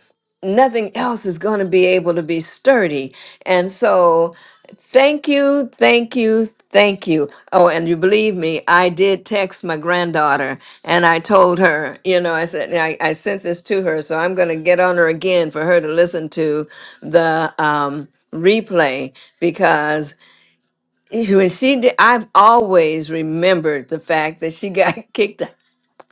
[SPEAKER 6] nothing else is going to be able to be sturdy. And so, thank you, thank you, thank you. Oh, and you believe me, I did text my granddaughter and I told her, you know, I said, I, I sent this to her, so I'm going to get on her again for her to listen to the, um, replay because when she did i've always remembered the fact that she got kicked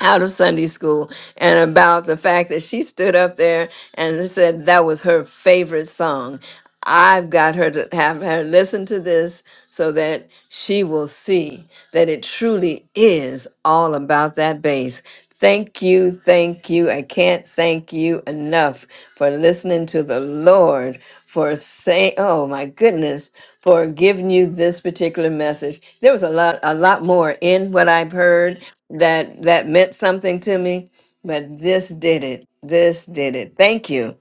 [SPEAKER 6] out of Sunday school and about the fact that she stood up there and said that was her favorite song. I've got her to have her listen to this so that she will see that it truly is all about that bass. Thank you, thank you. I can't thank you enough for listening to the Lord, for saying, oh my goodness, for giving you this particular message. There was a lot, a lot more in what I've heard that that meant something to me, but this did it. This did it. Thank you.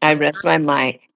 [SPEAKER 6] I rest my mic.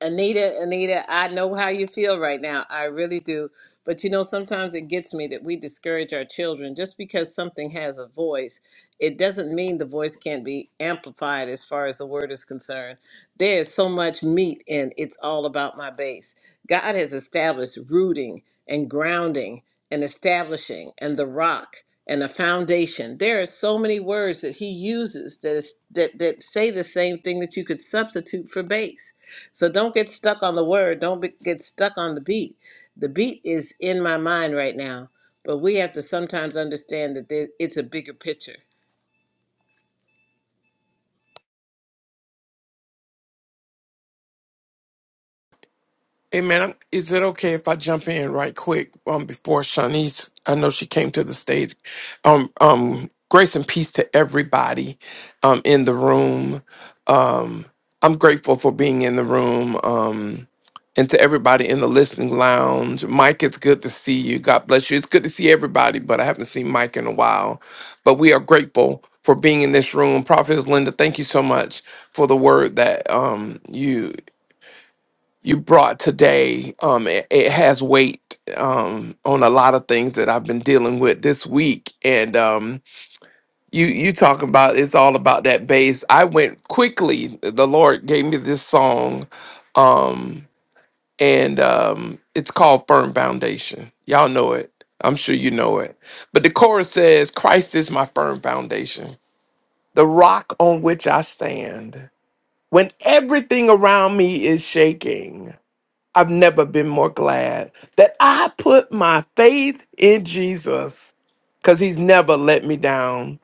[SPEAKER 1] Anita, Anita, I know how you feel right now. I really do. But you know, sometimes it gets me that we discourage our children just because something has a voice. It doesn't mean the voice can't be amplified as far as the word is concerned. There is so much meat in It's All About My Base. God has established rooting and grounding and establishing and the rock and the foundation. There are so many words that he uses that, is, that, that say the same thing that you could substitute for base so don't get stuck on the word. Don't be, get stuck on the beat. The beat is in my mind right now, but we have to sometimes understand that there, it's a bigger picture.
[SPEAKER 4] Hey man, I'm- is it okay if I jump in right quick um, before Shanice? I know she came to the stage. Um, um, grace and peace to everybody um, in the room. Um, I'm grateful for being in the room um, and to everybody in the listening lounge. Mike, it's good to see you. God bless you. It's good to see everybody, but I haven't seen Mike in a while. But we are grateful for being in this room. Prophetess Linda, thank you so much for the word that um, you you brought today um it, it has weight um on a lot of things that I've been dealing with this week and um you you talk about it's all about that bass I went quickly the Lord gave me this song um and um it's called Firm Foundation y'all know it I'm sure you know it but the chorus says Christ is my firm foundation the rock on which I stand when everything around me is shaking I've never been more glad that I put my faith in Jesus because he's never let me down.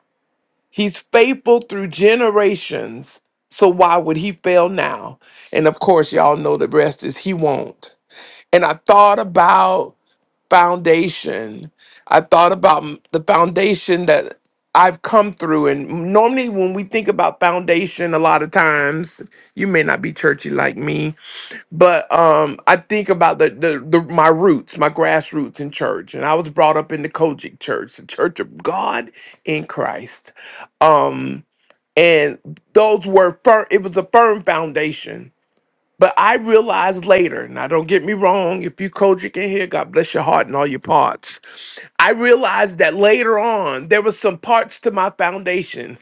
[SPEAKER 4] He's faithful through generations. So why would he fail now? And of course, y'all know the rest is he won't. And I thought about foundation. I thought about m- the foundation that I've come through. And normally, when we think about foundation, a lot of times, you may not be churchy like me, but um i think about the, the the my roots my grassroots in church and i was brought up in the kojic church the church of god in christ um and those were firm it was a firm foundation but i realized later now don't get me wrong if you kojic in here god bless your heart and all your parts i realized that later on there were some parts to my foundation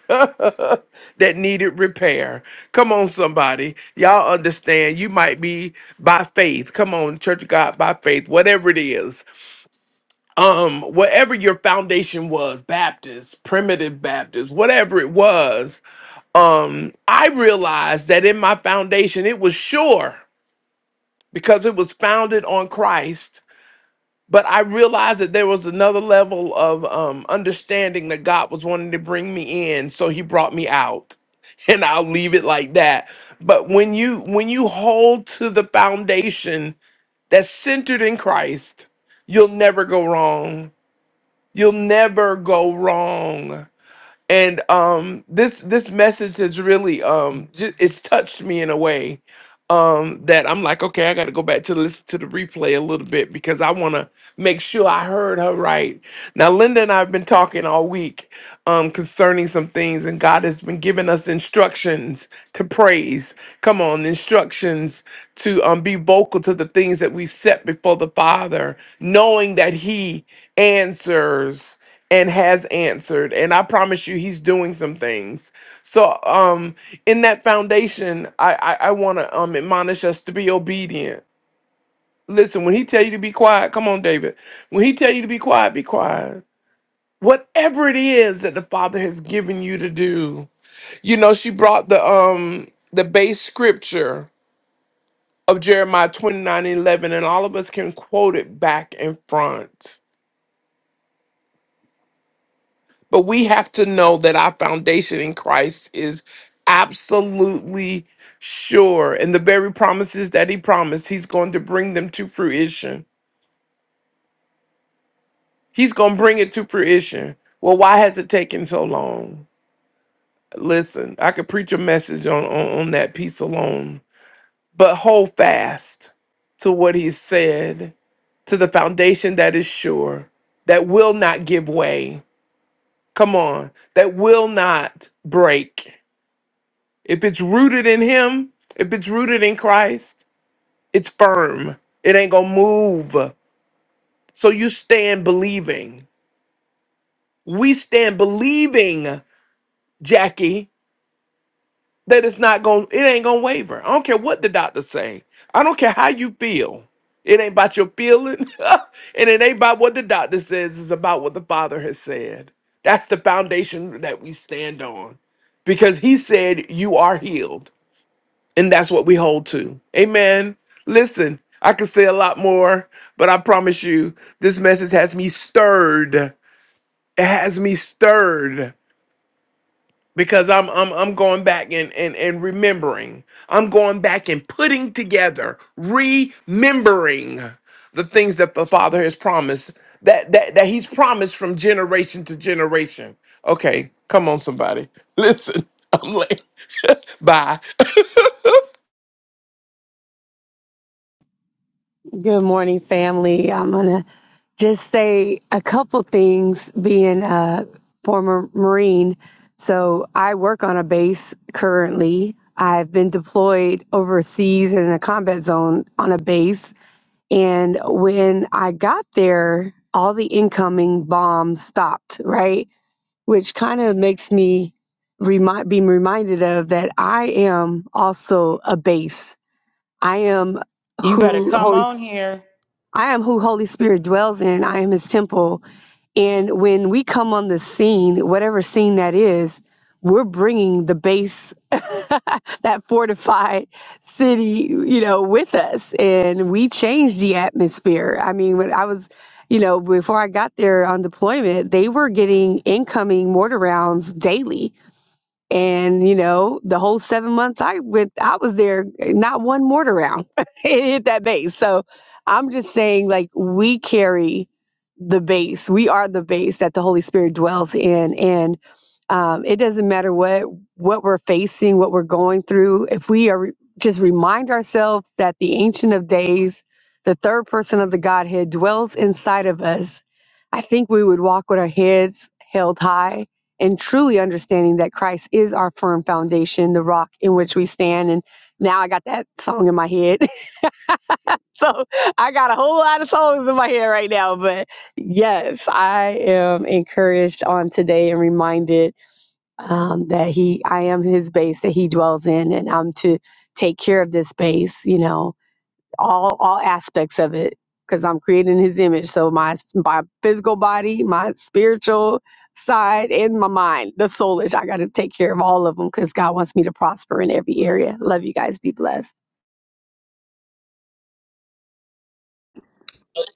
[SPEAKER 4] that needed repair. Come on, somebody. Y'all understand you might be by faith. Come on, Church of God by faith, whatever it is. Um, whatever your foundation was, Baptist, primitive Baptist, whatever it was, um, I realized that in my foundation it was sure because it was founded on Christ but I realized that there was another level of um, understanding that God was wanting to bring me in, so He brought me out, and I'll leave it like that. But when you when you hold to the foundation that's centered in Christ, you'll never go wrong. You'll never go wrong. And um, this this message has really um, ju- it's touched me in a way um that I'm like, okay, I gotta go back to listen to the replay a little bit because I wanna make sure I heard her right. Now Linda and I have been talking all week um concerning some things and God has been giving us instructions to praise. Come on, instructions to um be vocal to the things that we set before the Father, knowing that He answers and has answered and i promise you he's doing some things so um in that foundation i i, I want to um admonish us to be obedient listen when he tell you to be quiet come on david when he tell you to be quiet be quiet whatever it is that the father has given you to do you know she brought the um the base scripture of jeremiah 29 and 11 and all of us can quote it back and front But we have to know that our foundation in Christ is absolutely sure. And the very promises that He promised, He's going to bring them to fruition. He's going to bring it to fruition. Well, why has it taken so long? Listen, I could preach a message on, on, on that piece alone, but hold fast to what He said, to the foundation that is sure, that will not give way. Come on, that will not break If it's rooted in Him, if it's rooted in Christ, it's firm. It ain't gonna move. So you stand believing. We stand believing, Jackie, that it's not gonna, it ain't gonna waver. I don't care what the doctor say. I don't care how you feel. It ain't about your feeling, and it ain't about what the doctor says. It's about what the Father has said. That's the foundation that we stand on, because He said, "You are healed." And that's what we hold to. Amen. Listen, I could say a lot more, but I promise you, this message has me stirred. It has me stirred because I'm I'm I'm going back and and, and remembering. I'm going back and putting together, remembering the things that the Father has promised. That that that He's promised from generation to generation. Okay, come on, somebody. Listen, I'm late. Bye.
[SPEAKER 7] Good morning, family. I'm gonna just say a couple things. Being a former Marine, so I work on a base currently. I've been deployed overseas in a combat zone on a base, and when I got there, all the incoming bombs stopped. Right, which kind of makes me remind being reminded of that I am also a base. I am
[SPEAKER 3] You better
[SPEAKER 7] who
[SPEAKER 3] come
[SPEAKER 7] Holy
[SPEAKER 3] on here.
[SPEAKER 7] I am who Holy Spirit dwells in. I am his temple. And when we come on the scene, whatever scene that is, we're bringing the base, that fortified city, you know, with us. And we change the atmosphere. I mean, when I was, you know, before I got there on deployment, they were getting incoming mortar rounds daily and you know, the whole seven months I went, I was there, not one mortar round it hit that base. So I'm just saying, like, we carry the base. We are the base that the Holy Spirit dwells in, and um, it doesn't matter what what we're facing, what we're going through. If we are re- just remind ourselves that the Ancient of Days, the third person of the Godhead, dwells inside of us, I think we would walk with our heads held high and truly understanding that Christ is our firm foundation, the rock in which we stand. And now I got that song in my head. so I got a whole lot of songs in my head right now. But yes, I am encouraged on today and reminded um, that He, I am His base that He dwells in, and I'm to take care of this base, you know all all aspects of it because I'm created in his image. So my my physical body, my spiritual side, and my mind, the soulish. I got to take care of all of them because God wants me to prosper in every area. Love you guys. Be blessed.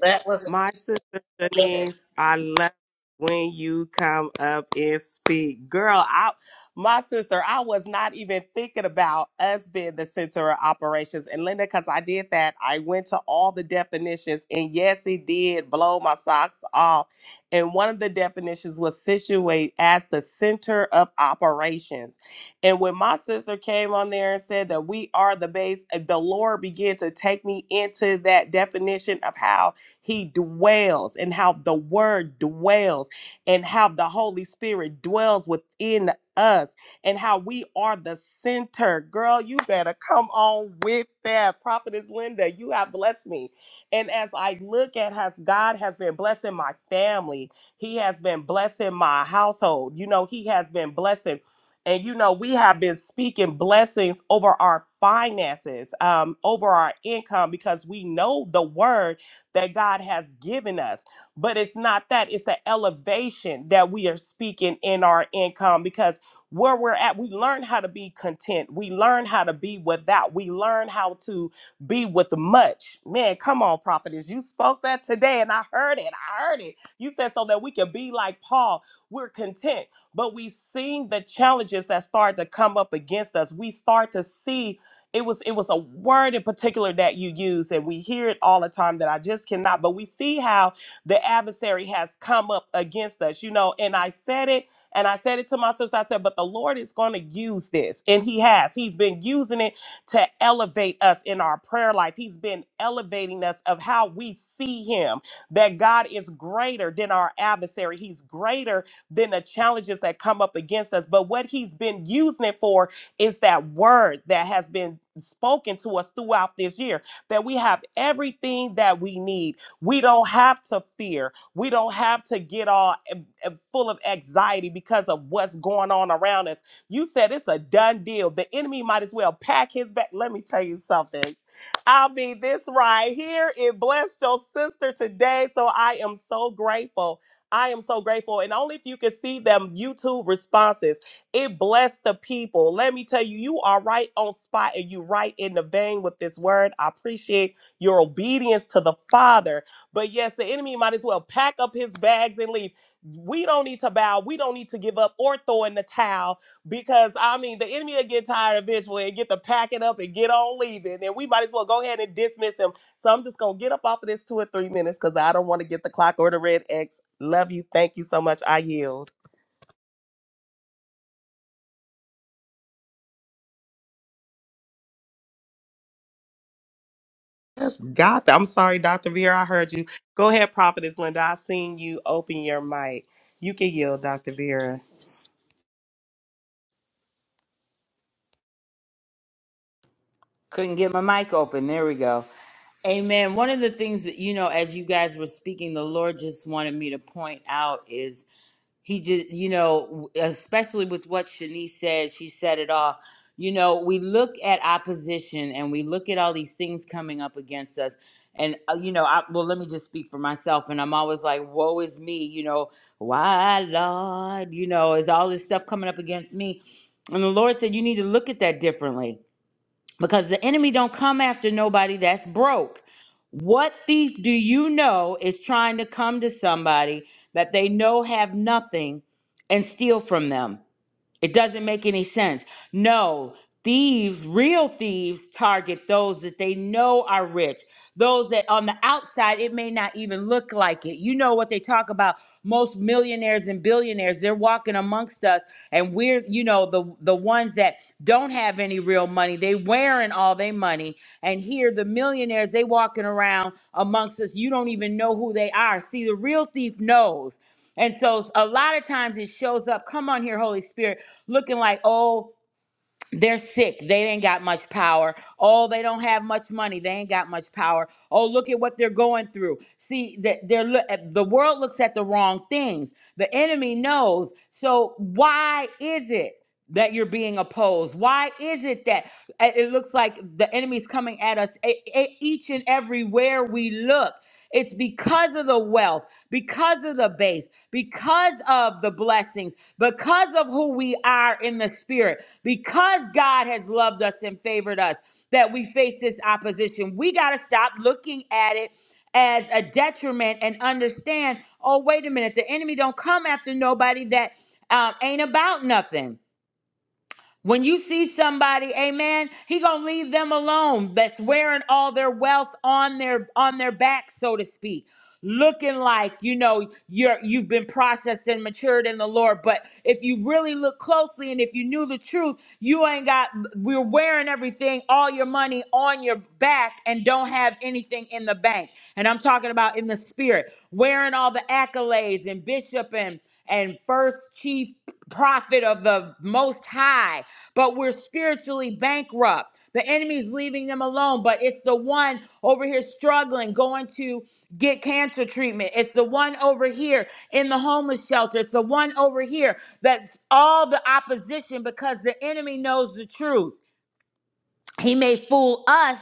[SPEAKER 1] That wasn't
[SPEAKER 5] My sister
[SPEAKER 1] good.
[SPEAKER 5] Denise, I love when you come up and speak. Girl, I my sister, I was not even thinking about us being the center of operations. And Linda, because I did that, I went to all the definitions. And yes, it did blow my socks off. And one of the definitions was situate as the center of operations. And when my sister came on there and said that we are the base, the Lord began to take me into that definition of how he dwells, and how the Word dwells, and how the Holy Spirit dwells within us, and how we are the center. Girl, you better come on with that. Prophetess Linda, you have blessed me. And as I look at how God has been blessing my family, He has been blessing my household. You know, He has been blessing. And you know, we have been speaking blessings over our finances, um, over our income, because we know the word that God has given us. But it's not that, it's the elevation that we are speaking in our income because where we're at, we learn how to be content. We learn how to be without. We learn how to be with much. Man, come on, prophetess. You spoke that today and I heard it. I heard it. You said so that we could be like Paul. We're content, but we seen the challenges that start to come up against us. We start to see it was it was a word in particular that you use and we hear it all the time that i just cannot but we see how the adversary has come up against us you know and i said it and i said it to my sister i said but the lord is going to use this and he has he's been using it to elevate us in our prayer life he's been elevating us of how we see him that god is greater than our adversary he's greater than the challenges that come up against us but what he's been using it for it's that word that has been spoken to us throughout this year that we have everything that we need. We don't have to fear. We don't have to get all em- em- full of anxiety because of what's going on around us. You said it's a done deal. The enemy might as well pack his back. Let me tell you something. I'll be this right here. It blessed your sister today. So I am so grateful. I am so grateful. And only if you can see them YouTube responses. It blessed the people. Let me tell you, you are right on spot and you right in the vein with this word. I appreciate your obedience to the Father. But yes, the enemy might as well pack up his bags and leave. We don't need to bow. We don't need to give up or throw in the towel because I mean the enemy will get tired eventually and get to packing up and get on leaving. And we might as well go ahead and dismiss him. So I'm just gonna get up off of this two or three minutes because I don't want to get the clock or the red X. Love you. Thank you so much. I yield. Yes, God. I'm sorry, Dr. Vera. I heard you. Go ahead, Prophetess Linda. I seen you open your mic. You can yield, Dr. Vera.
[SPEAKER 3] Couldn't get my mic open. There we go. Amen. One of the things that you know as you guys were speaking the Lord just wanted me to point out is. he just you know especially with what shanice said she said it all you know we look at opposition and we look at all these things coming up against us and uh, you know I, well let me just speak for myself and i'm always like woe is me you know why lord you know is all this stuff coming up against me and the lord said you need to look at that differently because the enemy don't come after nobody that's broke. What thief do you know is trying to come to somebody that they know have nothing and steal from them? It doesn't make any sense. No, thieves, real thieves, target those that they know are rich. Those that on the outside, it may not even look like it. You know what they talk about. Most millionaires and billionaires, they're walking amongst us, and we're, you know, the the ones that don't have any real money. They wearing all their money. And here the millionaires, they walking around amongst us. You don't even know who they are. See, the real thief knows. And so a lot of times it shows up, come on here, Holy Spirit, looking like, oh, they're sick. They ain't got much power. Oh, they don't have much money. They ain't got much power. Oh, look at what they're going through. See, that they're lo- the world looks at the wrong things. The enemy knows. So why is it that you're being opposed? Why is it that uh, it looks like the enemy's coming at us e- e- each and everywhere we look? It's because of the wealth, because of the base, because of the blessings, because of who we are in the spirit, because God has loved us and favored us that we face this opposition. We got to stop looking at it as a detriment and understand, oh, wait a minute, the enemy don't come after nobody that um, ain't about nothing. When you see somebody, amen, he going to leave them alone that's wearing all their wealth on their on their back so to speak. Looking like, you know, you're you've been processed and matured in the Lord, but if you really look closely and if you knew the truth, you ain't got we're wearing everything, all your money on your back and don't have anything in the bank. And I'm talking about in the spirit, wearing all the accolades and bishop and and first chief prophet of the Most High, but we're spiritually bankrupt. The enemy's leaving them alone, but it's the one over here struggling, going to get cancer treatment. It's the one over here in the homeless shelter. It's the one over here that's all the opposition because the enemy knows the truth. He may fool us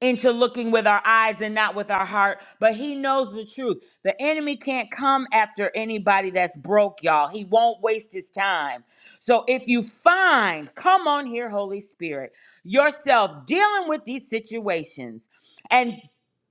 [SPEAKER 3] into looking with our eyes and not with our heart, but he knows the truth. The enemy can't come after anybody that's broke, y'all. He won't waste his time. So if you find, come on here, Holy Spirit, yourself dealing with these situations. and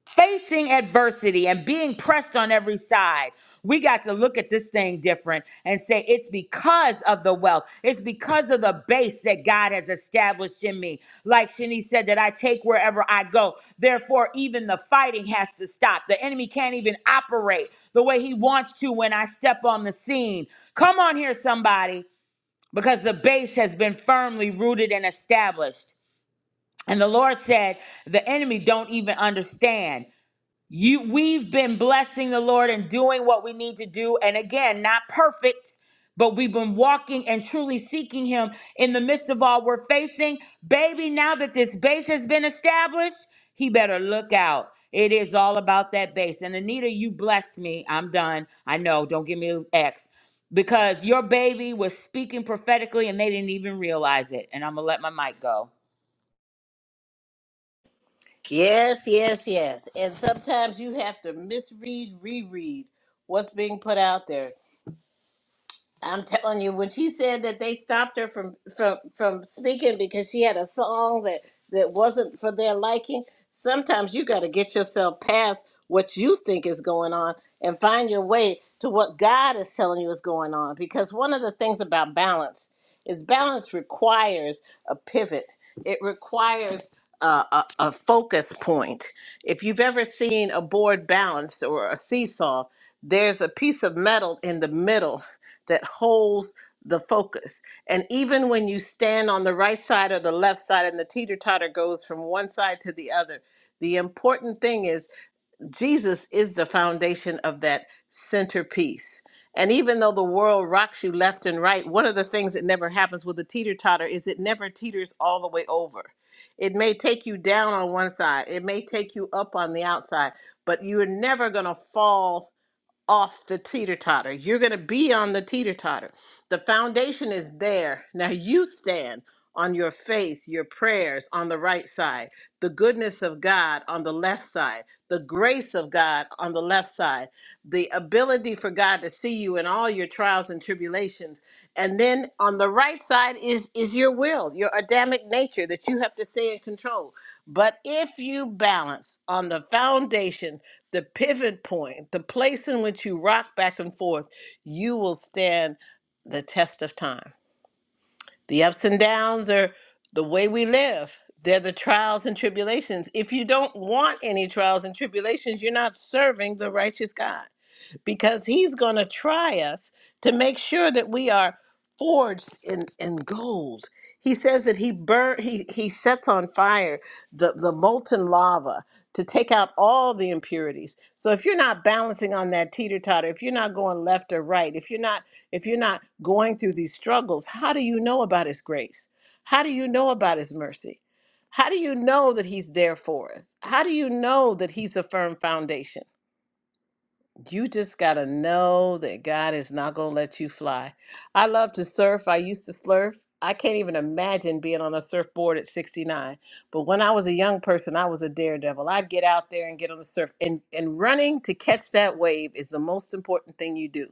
[SPEAKER 3] facing adversity and being pressed on every side, we got to look at this thing different and say, it's because of the wealth. It's because of the base that God has established in me. Like Shani said, that I take wherever I go. Therefore, even the fighting has to stop. The enemy can't even operate the way he wants to when I step on the scene. Come on here, somebody, because the base has been firmly rooted and established. And the Lord said, the enemy don't even understand you we've been blessing the lord and doing what we need to do and again not perfect but we've been walking and truly seeking him in the midst of all we're facing baby now that this base has been established he better look out it is all about that base and anita you blessed me i'm done i know don't give me an x because your baby was speaking prophetically and they didn't even realize it and i'm gonna let my mic go
[SPEAKER 1] Yes, yes, yes. And sometimes you have to misread, reread what's being put out there I'm telling you, when she said that they stopped her from from from speaking because she had a song that that wasn't for their liking, sometimes you got to get yourself past what you think is going on and find your way to what God is telling you is going on. Because one of the things about balance is balance requires a pivot. It requires a, a, a focus point. If you've ever seen a board balanced or a seesaw, there's a piece of metal in the middle that holds the focus. And even when you stand on the right side or the left side and the teeter totter goes from one side to the other, the important thing is Jesus is the foundation of that centerpiece. And even though the world rocks you left and right, one of the things that never happens with a teeter totter is it never teeters all the way over. It may take you down on one side, it may take you up on the outside, but you are never going to fall off the teeter totter. You're going to be on the teeter totter. The foundation is there. Now you stand on your faith, your prayers on the right side, the goodness of God on the left side, the grace of God on the left side, the ability for God to see you in all your trials and tribulations. And then on the right side is is your will, your Adamic nature that you have to stay in control. But if you balance on the foundation the pivot point, the place in which you rock back and forth, you will stand the test of time. The ups and downs are the way we live, they're the trials and tribulations. If you don't want any trials and tribulations, you're not serving the righteous God because he's going to try us to make sure that we are forged in, in gold. He says that he burn he he sets on fire the, the molten lava to take out all the impurities. So if you're not balancing on that teeter-totter, if you're not going left or right, if you're not if you're not going through these struggles, how do you know about his grace? How do you know about his mercy? How do you know that he's there for us? How do you know that he's a firm foundation? you just got to know that God is not going to let you fly. I love to surf. I used to surf. I can't even imagine being on a surfboard at 69. But when I was a young person, I was a daredevil. I'd get out there and get on the surf. And, and running to catch that wave is the most important thing you do.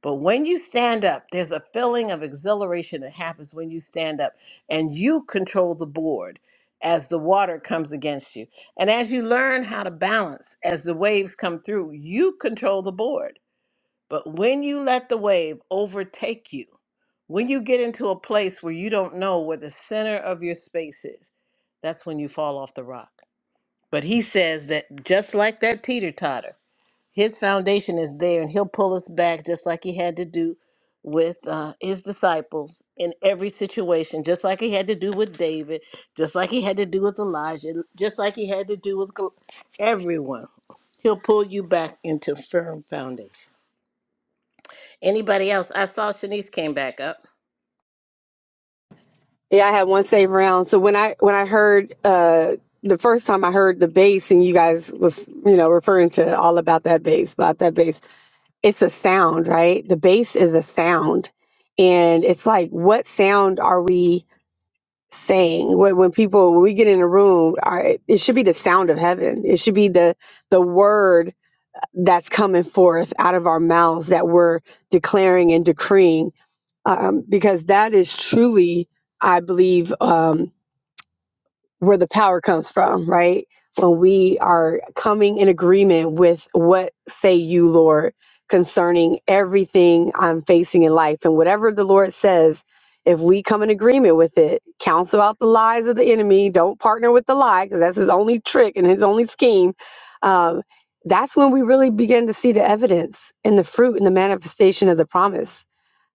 [SPEAKER 1] But when you stand up, there's a feeling of exhilaration that happens when you stand up and you control the board as the water comes against you. And as you learn how to balance as the waves come through, you control the board. But when you let the wave overtake you, when you get into a place where you don't know where the center of your space is, that's when you fall off the rock. But he says that just like that teeter totter, his foundation is there, and he'll pull us back just like he had to do with uh, his disciples in every situation, just like he had to do with David, just like he had to do with Elijah, just like he had to do with Gol- everyone. He'll pull you back into firm foundation. Anybody else? I saw Shanice came back up.
[SPEAKER 7] Yeah, I had one save round. So when I when I heard uh the first time I heard the bass and you guys was you know referring to all about that bass about that bass. It's a sound, right? The bass is a sound, and it's like what sound are we? saying when, when people when we get in a room our, it should be the sound of heaven it should be the the word that's coming forth out of our mouths that we're declaring and decreeing um, because that is truly i believe um, where the power comes from, right? When we are coming in agreement with what say you, Lord, concerning everything I'm facing in life. And whatever the Lord says, if we come in agreement with it, counsel out the lies of the enemy, don't partner with the lie, because that's his only trick and his only scheme. Um, that's when we really begin to see the evidence and the fruit and the manifestation of the promise.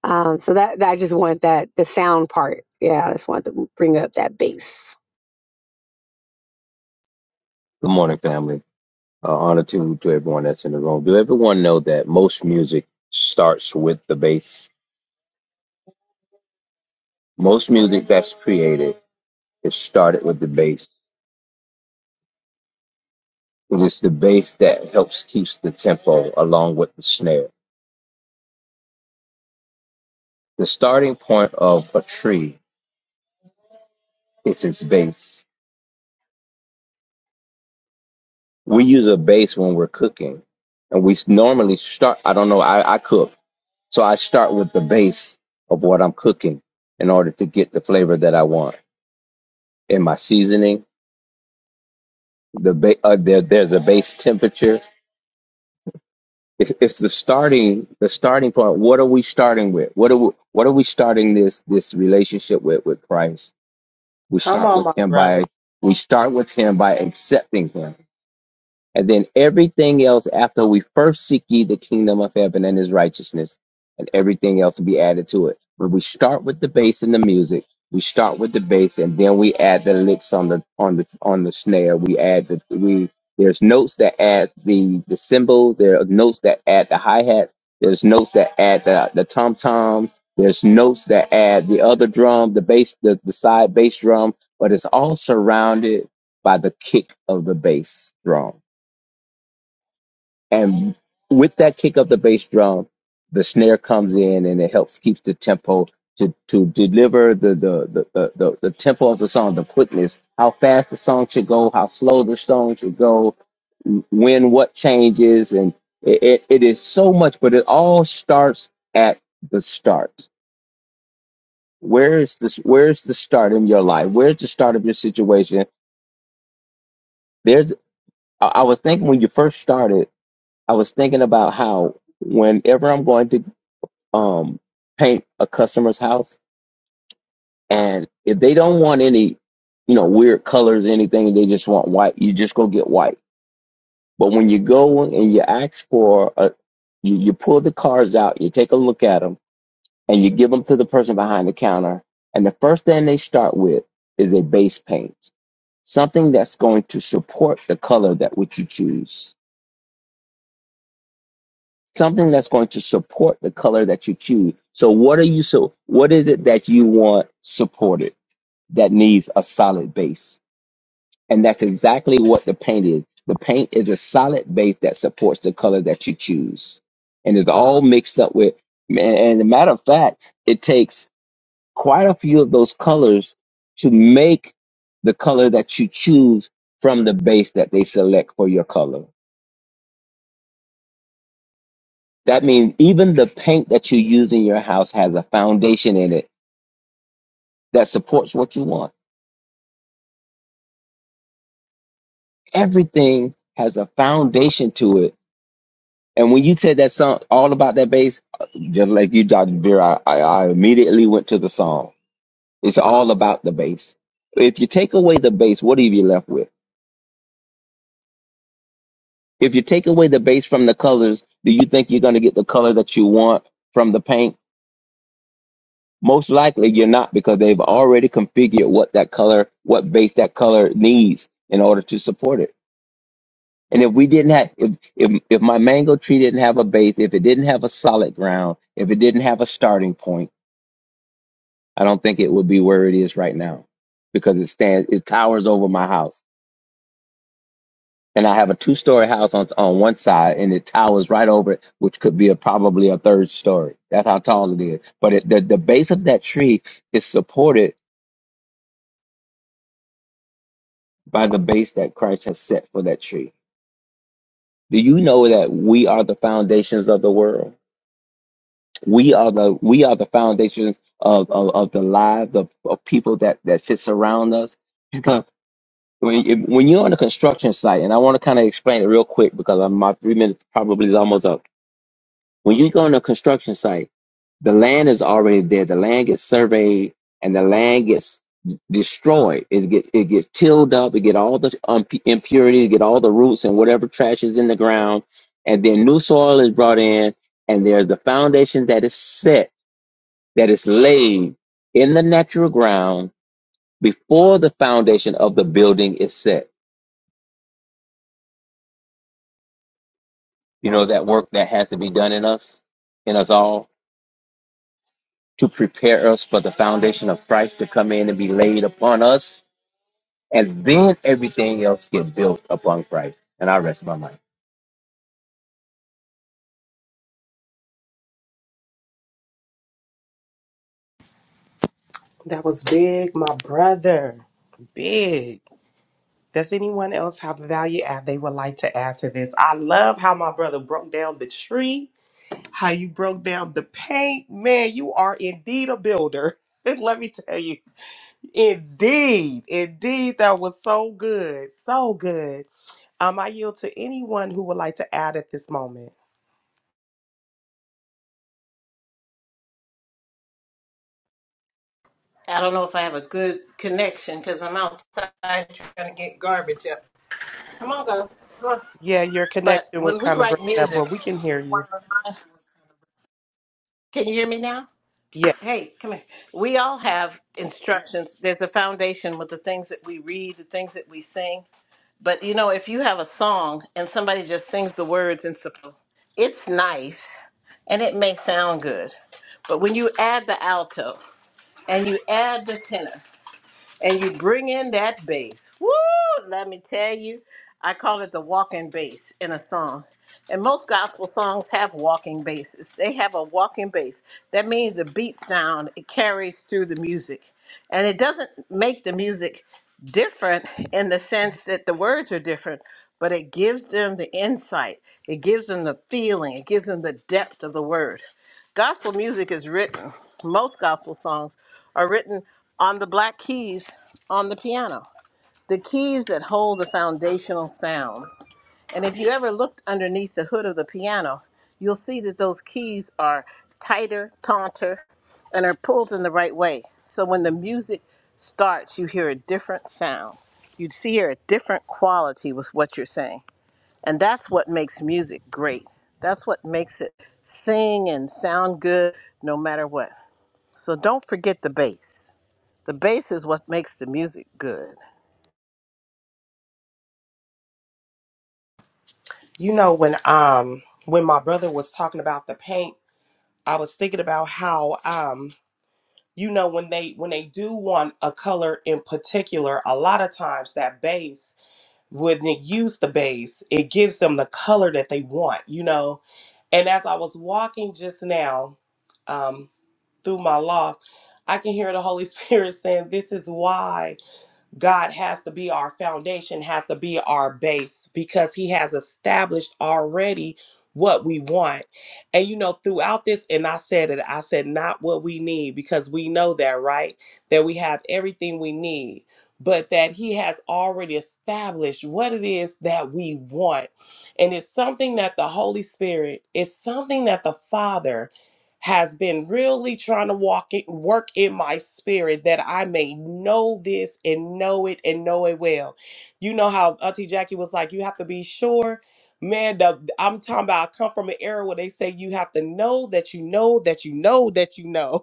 [SPEAKER 7] Um, so that, that I just want that the sound part. Yeah, I just want to bring up that base.
[SPEAKER 8] Good morning, family. Uh, honor to, to everyone that's in the room. Do everyone know that most music starts with the bass? Most music that's created is started with the bass. It is the bass that helps keeps the tempo along with the snare. The starting point of a tree is its base. We use a base when we're cooking, and we s- normally start. I don't know. I, I cook, so I start with the base of what I'm cooking in order to get the flavor that I want in my seasoning the ba- uh, there, there's a base temperature. It's, it's the starting the starting point. What are we starting with? What are we, what are we starting this this relationship with with Christ? We
[SPEAKER 5] Come
[SPEAKER 8] start
[SPEAKER 5] on, my
[SPEAKER 8] with Him by
[SPEAKER 5] brother.
[SPEAKER 8] we start with Him by accepting Him and then everything else after we first seek ye the kingdom of heaven and his righteousness, and everything else will be added to it. But we start with the bass and the music. We start with the bass and then we add the licks on the on the on the snare. We add the we there's notes that add the the cymbals, there are notes that add the hi-hats, there's notes that add the the tom tom, there's notes that add the other drum, the bass, the, the side bass drum, but it's all surrounded by the kick of the bass drum and with that kick of the bass drum, the snare comes in and it helps keeps the tempo to, to deliver the the, the, the, the the tempo of the song, the quickness, how fast the song should go, how slow the song should go, when what changes, and it, it, it is so much, but it all starts at the start. Where is this where's the start in your life? Where's the start of your situation? There's I I was thinking when you first started, I was thinking about how whenever I'm going to um, paint a customer's house, and if they don't want any, you know, weird colors, anything, they just want white. You just go get white. But when you go and you ask for a, you, you pull the cards out, you take a look at them, and you give them to the person behind the counter, and the first thing they start with is a base paint, something that's going to support the color that which you choose. Something that's going to support the color that you choose. So what are you so what is it that you want supported? that needs a solid base. And that's exactly what the paint is. The paint is a solid base that supports the color that you choose. And it's all mixed up with, and and a matter of fact, it takes quite a few of those colors to make the color that you choose from the base that they select for your color. That means even the paint that you use in your house has a foundation in it that supports what you want. Everything has a foundation to it And when you said that song, all about that bass, just like you, Dr. Veer, I, I, I immediately went to the song. It's all about the bass. If you take away the bass, what are you left with? If you take away the bass from the colors, do you think you're going to get the color that you want from the paint? Most likely you're not because they've already configured what that color, what base that color needs in order to support it. And if we didn't have, if, if, if my mango tree didn't have a base, if it didn't have a solid ground, if it didn't have a starting point, I don't think it would be where it is right now because it stands, it towers over my house. And I have a two story house on, on one side and it towers right over it, which could be a, probably a third story. That's how tall it is. But it, the, the base of that tree is supported by the base that Christ has set for that tree. Do you know that we are the foundations of the world? We are the, we are the foundations of, of, of the lives of, of people that, that sits around us. When, you- when you're on a construction site, and I want to kind of explain it real quick because I'm, my three minutes probably is almost up. When you go on a construction site, the land is already there. The land gets surveyed, and the land gets d- destroyed. It get it gets tilled up. It get all the um, impurities, get all the roots and whatever trash is in the ground, and then new soil is brought in, and there's the foundation that is set, that is laid in the natural ground before the foundation of the building is set. you know, that work that has to be done in us, in us all, to prepare us for the foundation of Christ to come in and be laid upon us, and then everything else get built upon Christ. And I rest my mind.
[SPEAKER 5] That was big, my brother. Big. Does anyone else have a value add they would like to add to this? I love how my brother broke down the tree, how you broke down the paint. Man, you are indeed a builder. Let me tell you. Indeed. Indeed. That was so good. So good. Um, I yield to anyone who would like to add at this moment.
[SPEAKER 1] I don't know if I have a good connection because I'm outside trying to get garbage up. Come on, go. Come on.
[SPEAKER 5] Yeah, your
[SPEAKER 1] But
[SPEAKER 5] connection was
[SPEAKER 1] when we
[SPEAKER 5] kind of
[SPEAKER 1] write
[SPEAKER 5] breaking up,
[SPEAKER 1] music,
[SPEAKER 5] but we can hear you.
[SPEAKER 1] can you hear me now?
[SPEAKER 5] Yeah,
[SPEAKER 1] Hey, come here. We all have instructions. There's a foundation with the things that we read, the things that we sing. But you know, if you have a song and somebody just sings the words and so it's nice and it may sound good. But when you add the alto and you add the tenor and you bring in that bass. Woo! Let me tell you, I call it the walking bass in a song. And most gospel songs have walking basses. They have a walking bass. That means the beat sound it carries through the music. And it doesn't make the music different in the sense that the words are different, but it gives them the insight. It gives them the feeling. It gives them the depth of the word. Gospel music is written, most gospel songs are written on the black keys on the piano, the keys that hold the foundational sounds. And if you ever looked underneath the hood of the piano, you'll see that those keys are tighter, taunter, and are pulled in the right way. So when the music starts, you hear a different sound. You'd see here a different quality with what you're saying. And that's what makes music great. That's what makes it sing and sound good no matter what. So don't forget the bass. The bass is what makes the music good.
[SPEAKER 5] you know when um when my brother was talking about the paint, I was thinking about how um you know when they when they do want a color in particular, a lot of times that base when they use the base, it gives them the color that they want. You know, and as I was walking just now. um, through my loft, I can hear the Holy Spirit saying, This is why God has to be our foundation, has to be our base, because He has established already what we want. And you know, throughout this, and I said it, I said, Not what we need, because we know that, right? That we have everything we need. But that he has already established what it is that we want. And it's something that the Holy Spirit, it's something that the Father has been really trying to walk it, work in my spirit that I may know this and know it and know it well. You know how Auntie Jackie was like, you have to be sure. Man, the, I'm talking about I come from an era where they say you have to know that you know that you know that you know.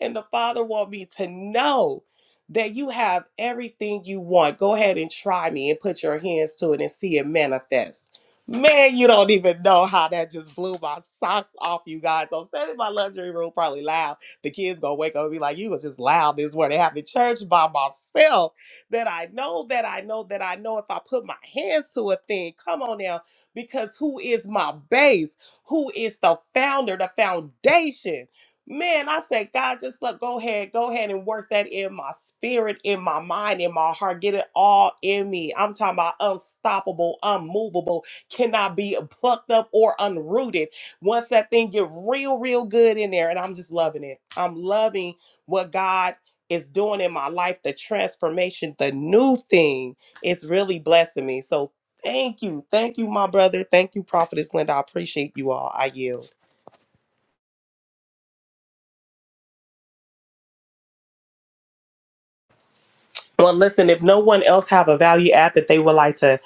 [SPEAKER 5] And the Father want me to know that you have everything you want. Go ahead and try me and put your hands to it and see it manifest. Man, you don't even know how that just blew my socks off, you guys. I'm standing in my luxury room, probably loud. The kids gonna wake up and be like, "You was just loud this morning, having church by myself." That I know, that I know, that I know. If I put my hands to a thing, come on now, because who is my base? Who is the founder, the foundation? Man, I said, God, just look, go ahead, go ahead and work that in my spirit, in my mind, in my heart. Get it all in me. I'm talking about unstoppable, unmovable, cannot be plucked up or unrooted. Once that thing get real, real good in there, and I'm just loving it. I'm loving what God is doing in my life, the transformation, the new thing. It's really blessing me. So thank you. Thank you, my brother. Thank you, Prophetess Linda. I appreciate you all. I yield. Well, listen, if no one else have a value add that they would like to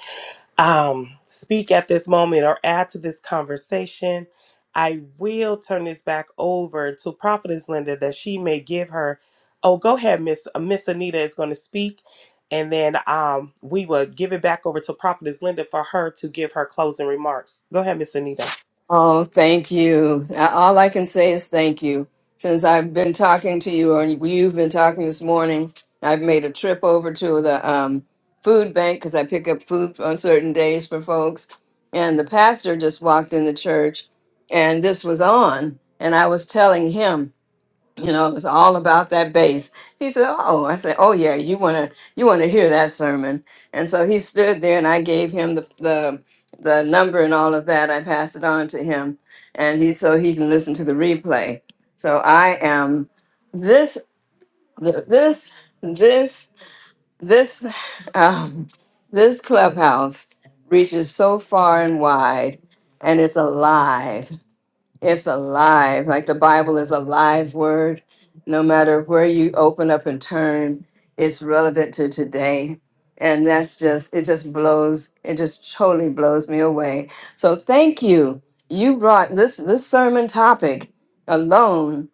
[SPEAKER 5] um, speak at this moment or add to this conversation, I will turn this back over to Prophetess Linda that she may give her. Oh, go ahead, Miss uh, Miss Anita is going to speak, and then um, we will give it back over to Prophetess Linda for her to give her closing remarks. Go ahead, Miss Anita.
[SPEAKER 6] Oh, thank you. A- All I can say is thank you. Since I've been talking to you, or you've been talking this morning, I've made a trip over to the um, food bank because I pick up food on certain days for folks. And the pastor just walked in the church, and this was on, and I was telling him. you know it's all about that bass he said oh i said oh yeah you want to you want to hear that sermon and so he stood there and i gave him the the the number and all of that i passed it on to him and he so he can listen to the replay so i am this th- this this this um, this clubhouse reaches so far and wide and it's alive it's alive. Like the Bible is a live word. No matter where you open up and turn, it's relevant to today. And that's just, it just blows, it just totally blows me away. So thank you. You brought this this sermon topic alone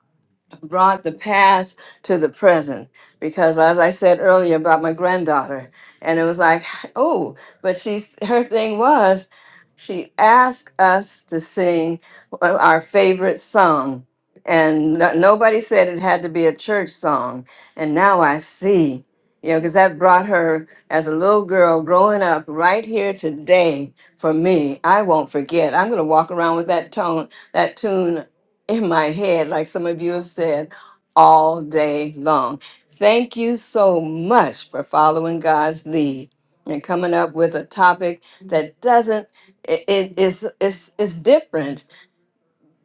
[SPEAKER 6] brought the past to the present because as i said earlier about my granddaughter and it was like oh but she's her thing was she asked us to sing our favorite song and no- nobody said it had to be a church song and now i see you know because that brought her as a little girl growing up right here today for me i won't forget i'm going to walk around with that tone that tune in my head, like some of you have said, all day long. Thank you so much for following God's lead and coming up with a topic that doesn't it, it is it's it's different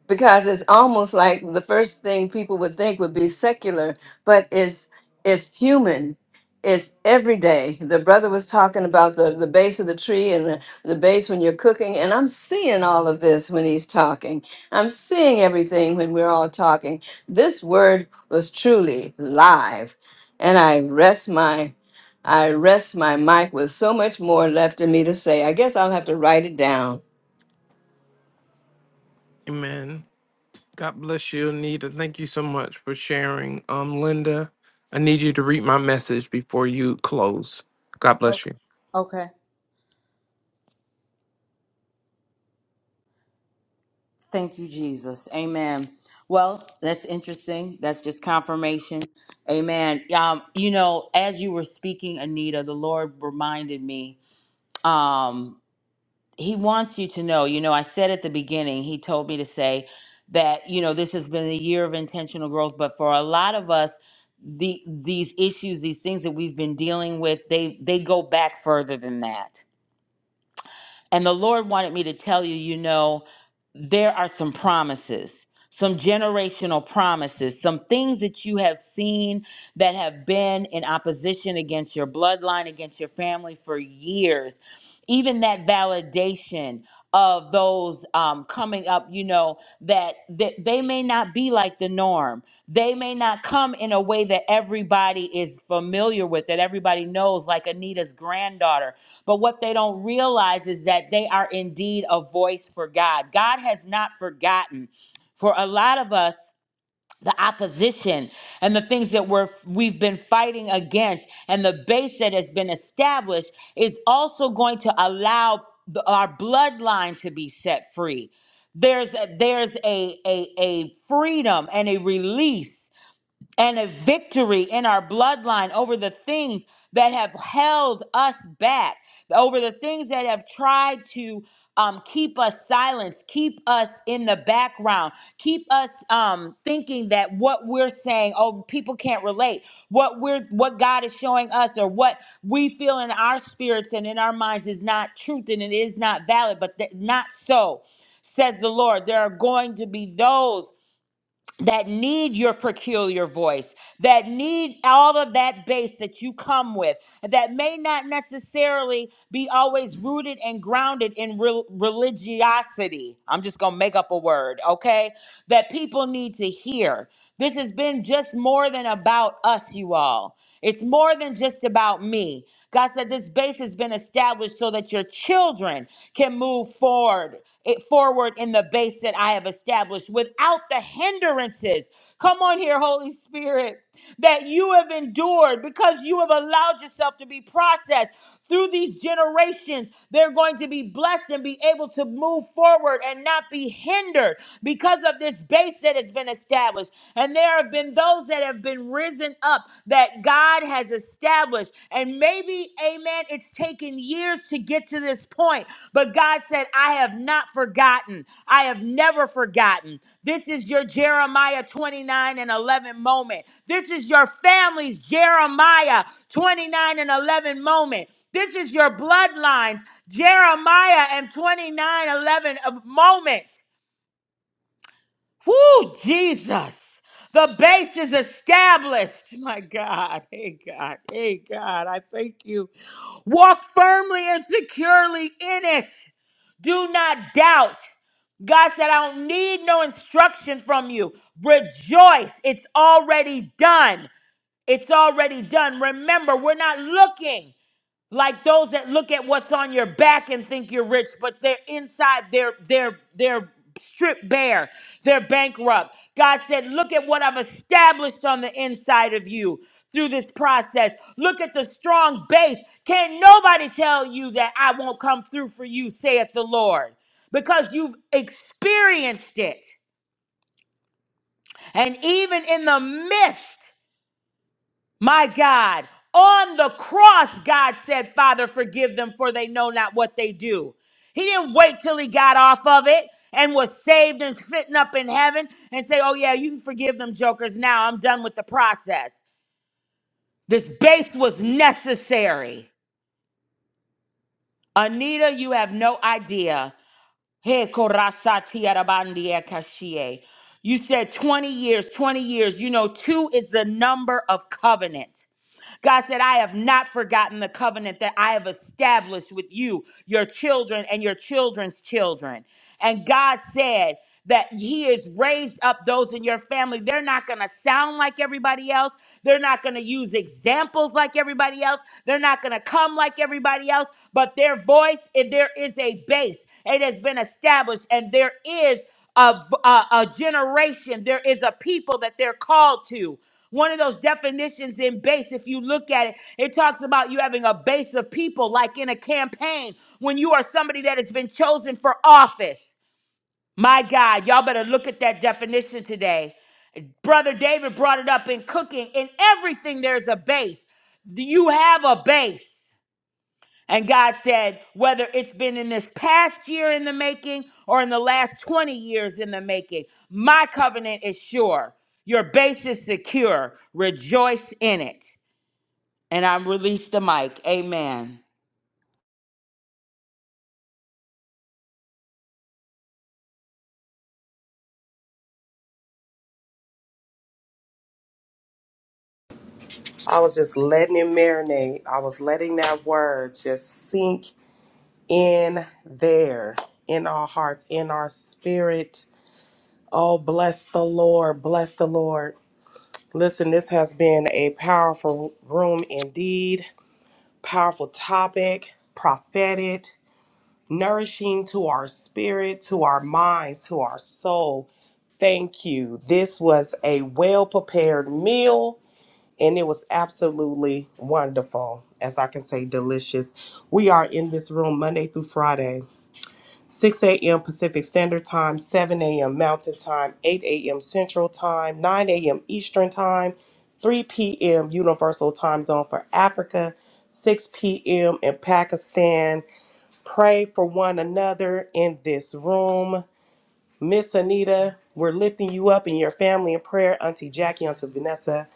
[SPEAKER 6] because it's almost like the first thing people would think would be secular, but it's it's human. It's every day. The brother was talking about the, the base of the tree and the, the base when you're cooking. And I'm seeing all of this when he's talking. I'm seeing everything when we're all talking. This word was truly live. And I rest my I rest my mic with so much more left in me to say. I guess I'll have to write it down
[SPEAKER 4] Amen. God bless you, Anita. Thank you so much for sharing. Um, Linda, I need you to read my message before you close. God bless
[SPEAKER 3] Okay.
[SPEAKER 4] you.
[SPEAKER 3] Okay. Thank you, Jesus. Amen. Well, that's interesting. That's just confirmation. Amen. Um, you know, as you were speaking, Anita, the Lord reminded me. Um, he wants you to know. You know, I said at the beginning, He told me to say that you know this has been a year of intentional growth, but for a lot of us, the these issues, these things that we've been dealing with, they they go back further than that. And the Lord wanted me to tell you, you know, there are some promises, some generational promises, some things that you have seen that have been in opposition against your bloodline, against your family for years even that validation of those um, coming up, you know, that, that they may not be like the norm. They may not come in a way that everybody is familiar with, that everybody knows, like Anita's granddaughter. But what they don't realize is that they are indeed a voice for God. God has not forgotten. For a lot of us, the opposition and the things that we're we've been fighting against and the base that has been established is also going to allow the, our bloodline to be set free there's a, there's a, a a freedom and a release and a victory in our bloodline over the things that have held us back, over the things that have tried to um, keep us silent, keep us in the background, keep us um, thinking that what we're saying, oh, people can't relate. What we're, what God is showing us, or what we feel in our spirits and in our minds, is not truth and it is not valid. But that not so, says the Lord. There are going to be those that need your peculiar voice, that need all of that base that you come with, that may not necessarily be always rooted and grounded in rel- religiosity. I'm just going to make up a word, okay? That people need to hear. This has been just more than about us, you all. It's more than just about me. God said this base has been established so that your children can move forward, it forward in the base that I have established without the hindrances. Come on here, Holy Spirit that you have endured because you have allowed yourself to be processed through these generations. They're going to be blessed and be able to move forward and not be hindered because of this base that has been established. And there have been those that have been risen up that God has established. And maybe, amen, it's taken taken years to get to this point, but God said, I have not forgotten. I have never forgotten. This is your Jeremiah 29 and 11 moment. This is your family's Jeremiah 29 and 11 moment. This is your bloodlines, Jeremiah and 29 11 uh, moment. Whoo, Jesus. The base is established. My God. Hey, God. Hey, God. I thank you. Walk firmly and securely in it. Do not doubt. God said, I don't need no instruction from you. Rejoice. It's already done. It's already done. Remember, we're not looking like those that look at what's on your back and think you're rich but they're inside they're they're they're stripped bare they're bankrupt god said look at what i've established on the inside of you through this process look at the strong base can nobody tell you that i won't come through for you saith the lord because you've experienced it and even in the midst my God, on the cross, God said, Father, forgive them, for they know not what they do. He didn't wait till he got off of it and was saved and sitting up in heaven and say, Oh, yeah, you can forgive them, jokers. Now I'm done with the process. This base was necessary. Anita, you have no idea. Hey, korasati arabandia kashie. You said 20 years, 20 years. You know, two is the number of covenant. God said, I have not forgotten the covenant that I have established with you, your children, and your children's children. And God said, that he has raised up those in your family. They're not going to sound like everybody else. They're not going to use examples like everybody else. They're not going to come like everybody else, but their voice, and there is a base. It has been established, and there is of a, a generation. There is a people that they're called to. One of those definitions in base, if you look at it, it talks about you having a base of people, like in a campaign, when you are somebody that has been chosen for office. My God, y'all better look at that definition today. Brother David brought it up in cooking. In everything, there's a base. You have a base. And God said, whether it's been in this past year in the making or in the last 20 years in the making, my covenant is sure. Your base is secure. Rejoice in it. And I'm released the mic. Amen.
[SPEAKER 5] I was just letting it marinate. I was letting that word just sink in there, in our hearts, in our spirit. Oh, bless the Lord, bless the Lord. Listen, this has been a powerful room indeed, powerful topic, prophetic, nourishing to our spirit, to our minds, to our soul. Thank you. This was a well prepared meal and it was absolutely wonderful, as I can say, delicious. We are in this room Monday through Friday. 6 a.m. Pacific Standard Time, 7 a.m. Mountain Time, 8 a.m. Central Time, 9 a.m. Eastern Time, 3 p.m. Universal Time Zone for Africa, 6 p.m. in Pakistan. Pray for one another in this room. Miss Anita, we're lifting you up and your family in prayer. Auntie Jackie, Auntie Vanessa,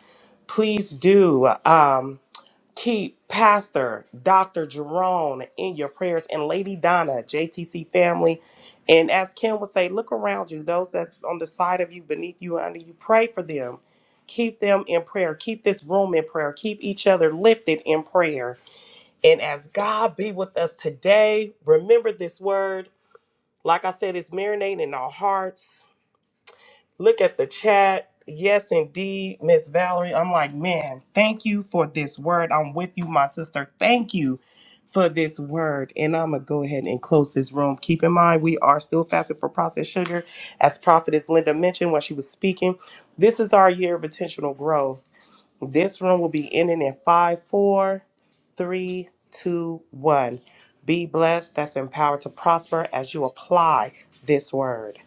[SPEAKER 5] please do. Um, Keep Pastor Dr. Jerome in your prayers and Lady Donna, JTC family. And as Kim would say, look around you, those that's on the side of you, beneath you, under you, pray for them. Keep them in prayer. Keep this room in prayer. Keep each other lifted in prayer. And as God be with us today, remember this word. Like I said, it's marinating in our hearts Look at the chat. Yes, indeed, Miss Valerie. I'm like, man, thank you for this word. I'm with you, my sister. Thank you for this word. And I'm going to go ahead and close this room. Keep in mind, we are still fasting for processed sugar. As Prophetess Linda mentioned when she was speaking, this is our year of intentional growth. This room will be ending in five, four, three, two, one. Be blessed. That's empowered to prosper as you apply this word.